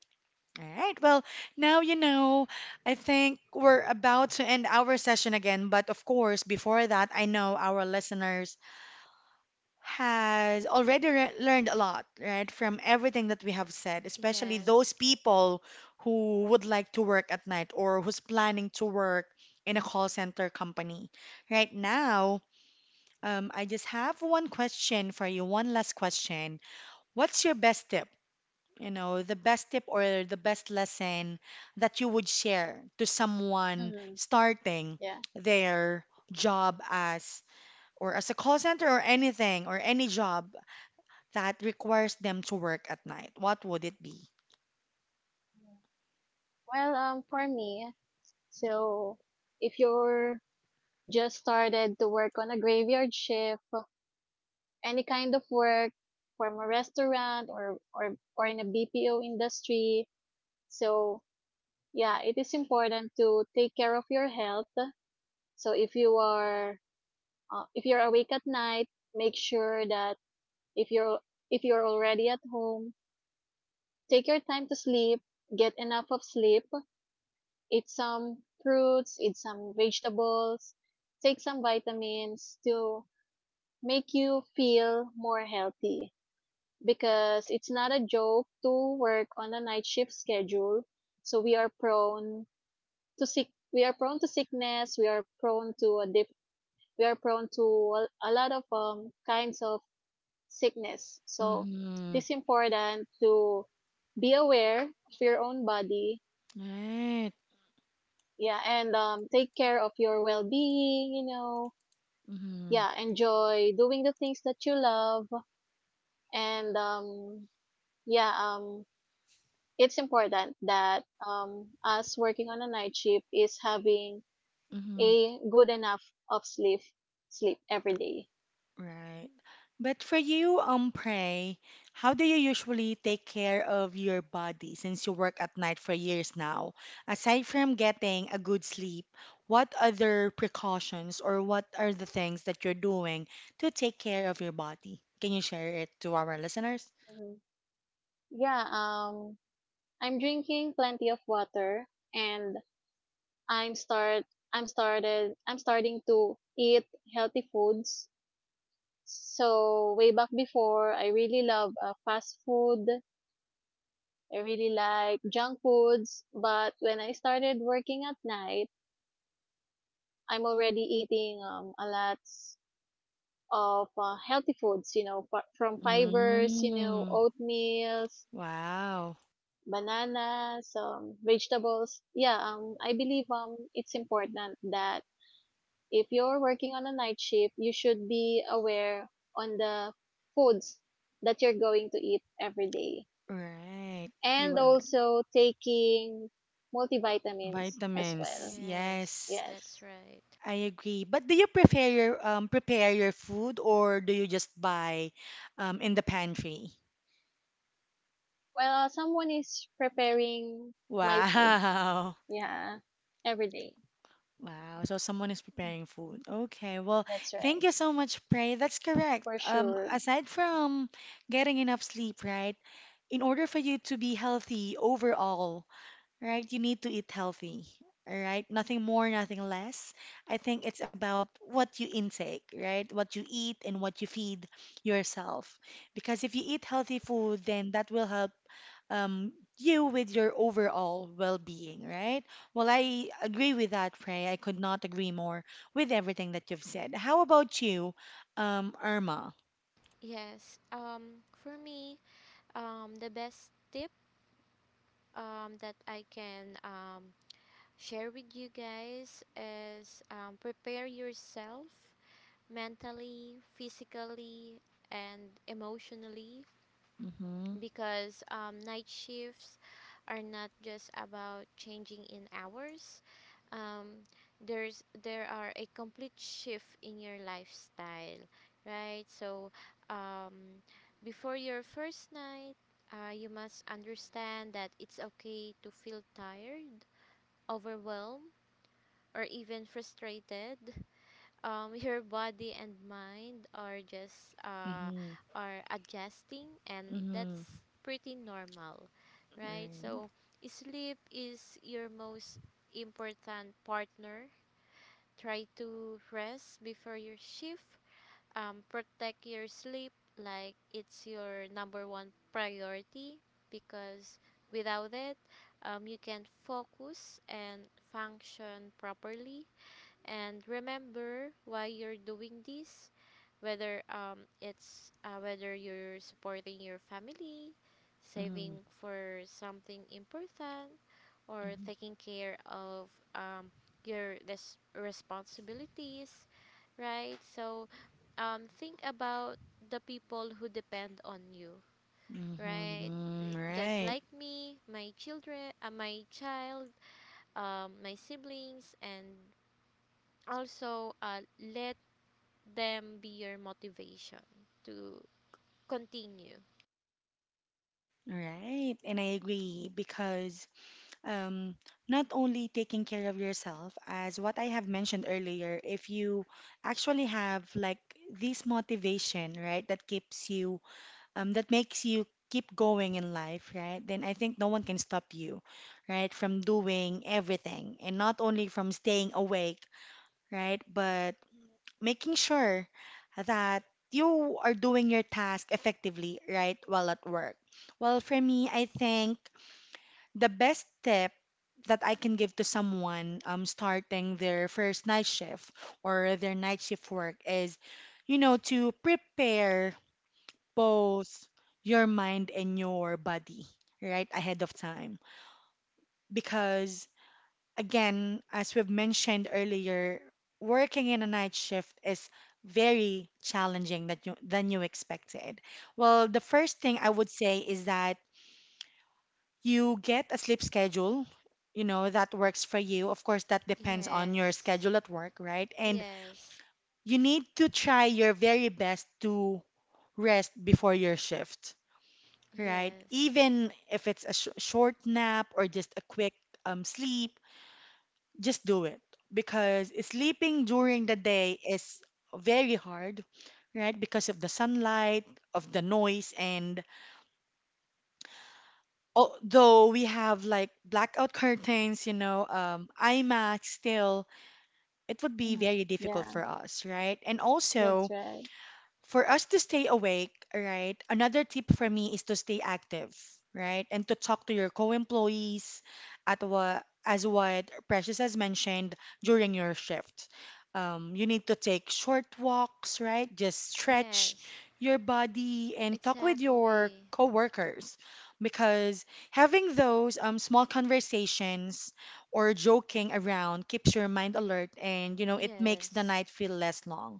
Speaker 1: All right. Well, now you know. I think we're about to end our session again, but of course, before that, I know our listeners has already learned a lot, right, from everything that we have said, especially
Speaker 2: Yes,
Speaker 1: those people who would like to work at night or who's planning to work in a call center company. Right now, I just have one question for you, one last question. What's your best tip, you know, the best tip or the best lesson that you would share to someone
Speaker 3: Hmm,
Speaker 1: starting
Speaker 3: yeah.
Speaker 1: their job as or as a call center or anything or any job that requires them to work at night? What would it be?
Speaker 3: Well, for me, so if you're just started to work on a graveyard shift, any kind of work, from a restaurant or in a BPO industry. So yeah, it is important to take care of your health. So if you are, if you're awake at night, make sure that if you're if you're already at home, take your time to sleep, get enough of sleep, eat some fruits, eat some vegetables, take some vitamins to make you feel more healthy. Because it's not a joke to work on a night shift schedule. So we are prone to sick. We are prone to sickness. We are prone to a dip. We are prone to a lot of kinds of sickness. So
Speaker 1: Mm-hmm.
Speaker 3: it's important to be aware of your own body.
Speaker 1: Right.
Speaker 3: Yeah, and take care of your well-being. You know,
Speaker 1: Mm-hmm.
Speaker 3: yeah, enjoy doing the things that you love, and yeah, it's important that us working on a night shift is having
Speaker 1: Mm-hmm.
Speaker 3: a good enough of sleep every day.
Speaker 1: Right. But for you, Pray, how do you usually take care of your body since you work at night for years now? Aside from getting a good sleep, what other precautions or what are the things that you're doing to take care of your body? Can you share it to our listeners?
Speaker 3: Mhm. Yeah, I'm drinking plenty of water, and I'm start I'm starting to eat healthy foods. So way back before, I really love fast food. I really like junk foods, but when I started working at night, I'm already eating a lot of healthy foods, you know, from fibers, you know,
Speaker 1: Mm,
Speaker 3: oatmeals,
Speaker 1: wow.
Speaker 3: bananas, vegetables. Yeah, I believe it's important that if you're working on a night shift, you should be aware on the foods that you're going to eat every day,
Speaker 1: Right. You
Speaker 3: and
Speaker 1: are
Speaker 3: also taking multivitamins as
Speaker 1: vitamins.
Speaker 3: well.
Speaker 2: yes,
Speaker 1: Yes.
Speaker 2: that's
Speaker 3: Yes.
Speaker 2: right.
Speaker 1: I agree. But do you prepare your food or do you just buy in the pantry? [laughs]
Speaker 3: Well, someone is preparing my food.
Speaker 1: Wow.
Speaker 3: Yeah, every day.
Speaker 1: Wow. So someone is preparing food. Okay. Well,
Speaker 3: That's
Speaker 1: thank
Speaker 3: right.
Speaker 1: you so much, Prey. That's correct.
Speaker 3: For sure.
Speaker 1: Aside from getting enough sleep, right? In order for you to be healthy overall, right? You need to eat healthy, all right? Nothing more, nothing less. I think it's about what you intake, right? What you eat and what you feed yourself. Because if you eat healthy food, then that will help um, you with your overall well-being, right? Well, I agree with that, Frey. I could not agree more with everything that you've said. How about you, Irma?
Speaker 2: Yes. For me, the best tip that I can, share with you guys is, prepare yourself mentally, physically, and emotionally,
Speaker 1: Mm-hmm,
Speaker 2: because night shifts are not just about changing in hours. Um, there are a complete shift in your lifestyle, right? So um, before your first night, you must understand that it's okay to feel tired, overwhelmed, or even frustrated. [laughs] Your body and mind are just,
Speaker 1: mm-hmm,
Speaker 2: are adjusting, and that's
Speaker 1: mm-hmm,
Speaker 2: pretty normal, right? So
Speaker 1: right,
Speaker 2: sleep is your most important partner. Try to rest before your shift. Protect your sleep like it's your number one priority, because without it, you can focus and function properly, and remember why you're doing this, whether you're supporting your family, saving
Speaker 1: mm-hmm,
Speaker 2: for something important, or
Speaker 1: mm-hmm,
Speaker 2: taking care of um your responsibilities, right? So think about the people who depend on you, right?
Speaker 1: mm-hmm, mm-hmm.
Speaker 2: Just like
Speaker 1: Right.
Speaker 2: me, my children, my child, my siblings, and also, let them be your motivation to continue.
Speaker 1: All right, and I agree because um, not only taking care of yourself, as what I have mentioned earlier, if you actually have like this motivation, right, that keeps you, that makes you keep going in life, right, then I think no one can stop you, right, from doing everything and not only from staying awake, right, but making sure that you are doing your task effectively, right, while at work. Well, for me, I think the best tip that I can give to someone starting their first night shift or their night shift work is, you know, to prepare both your mind and your body, right, ahead of time. Because again, as we've mentioned earlier, working in a night shift is very challenging that you, than you expected. Well, the first thing I would say is that you get a sleep schedule, you know, that works for you. Of course, that depends on your
Speaker 2: Yes.
Speaker 1: schedule at work, right? And
Speaker 2: Yes.
Speaker 1: you need to try your very best to rest before your shift, right?
Speaker 2: Yes.
Speaker 1: Even if it's a sh short nap or just a quick sleep, just do it because sleeping during the day is very hard, right? Because of the sunlight, of the noise, and although we have like blackout curtains, you know, iMac still, it would be very
Speaker 3: Mhm.
Speaker 1: difficult for
Speaker 3: Yeah,
Speaker 1: us, right? And also,
Speaker 3: that's right.
Speaker 1: for us to stay awake, right? Another tip for me is to stay active, right? And to talk to your co-employees at what as what Precious has mentioned during your shift. You need to take short walks, right? Just
Speaker 2: Yes.
Speaker 1: stretch your body and talk with
Speaker 2: Exactly.
Speaker 1: your coworkers because having those small conversations or joking around keeps your mind alert, and you know it makes
Speaker 2: Yes.
Speaker 1: the night feel less long,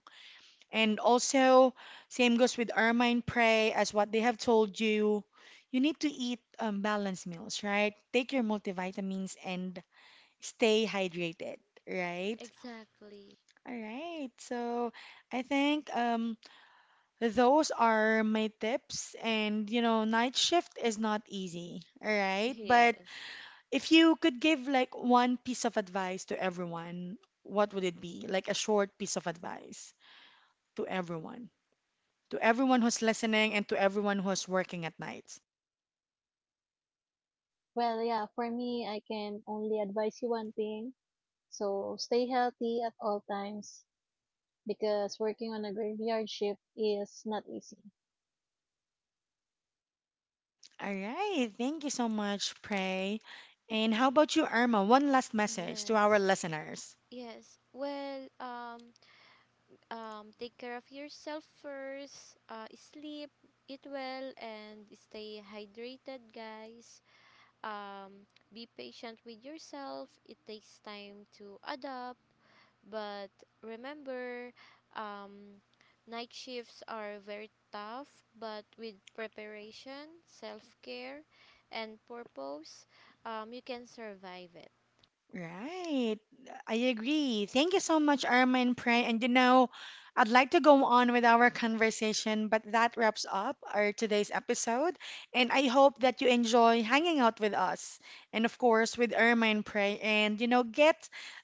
Speaker 1: and also, same goes with Ermine Prey, as what they have told you. You need to eat balanced meals, right? Take your multivitamins and stay hydrated, right?
Speaker 2: Exactly.
Speaker 1: All right. So I think those are my tips. And, you know, night shift is not easy, all right? But
Speaker 2: Yes.
Speaker 1: if you could give like one piece of advice to everyone, what would it be? Like a short piece of advice to everyone, to everyone who's listening and to everyone who's working at nights.
Speaker 3: Well, yeah, for me, I can only advise you one thing. So stay healthy at all times because working on a graveyard shift is not easy.
Speaker 1: All right. Thank you so much, Prey. And how about you, Irma? One last message to
Speaker 2: Yes.
Speaker 1: our listeners.
Speaker 2: Yes. Well, take care of yourself first. Sleep, eat well, and stay hydrated, guys. Um be patient with yourself. It takes time to adapt. But remember, um, night shifts are very tough, but with preparation, self care, and purpose, you can survive it.
Speaker 1: Right. I agree. Thank you so much, Irma and Pray. And you know, I'd like to go on with our conversation, but that wraps up our today's episode. And I hope that you enjoy hanging out with us. And of course, with Irma and Pray. And you know, get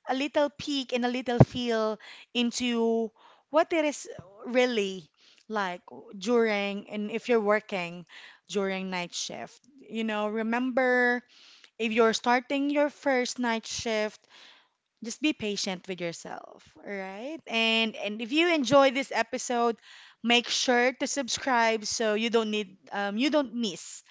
Speaker 1: a little peek and a little feel into what it is really like during, and if you're working during night shift. You know, remember if you're starting your first night shift, just be patient with yourself, all right? And if you enjoy this episode, make sure to subscribe so you don't need you don't miss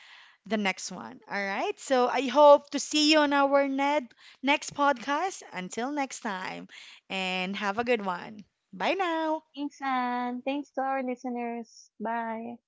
Speaker 1: the next one, all right? So I hope to see you on our ned next podcast. Until next time, and have a good one. Bye now.
Speaker 3: Thanks, and thanks to our listeners. Bye.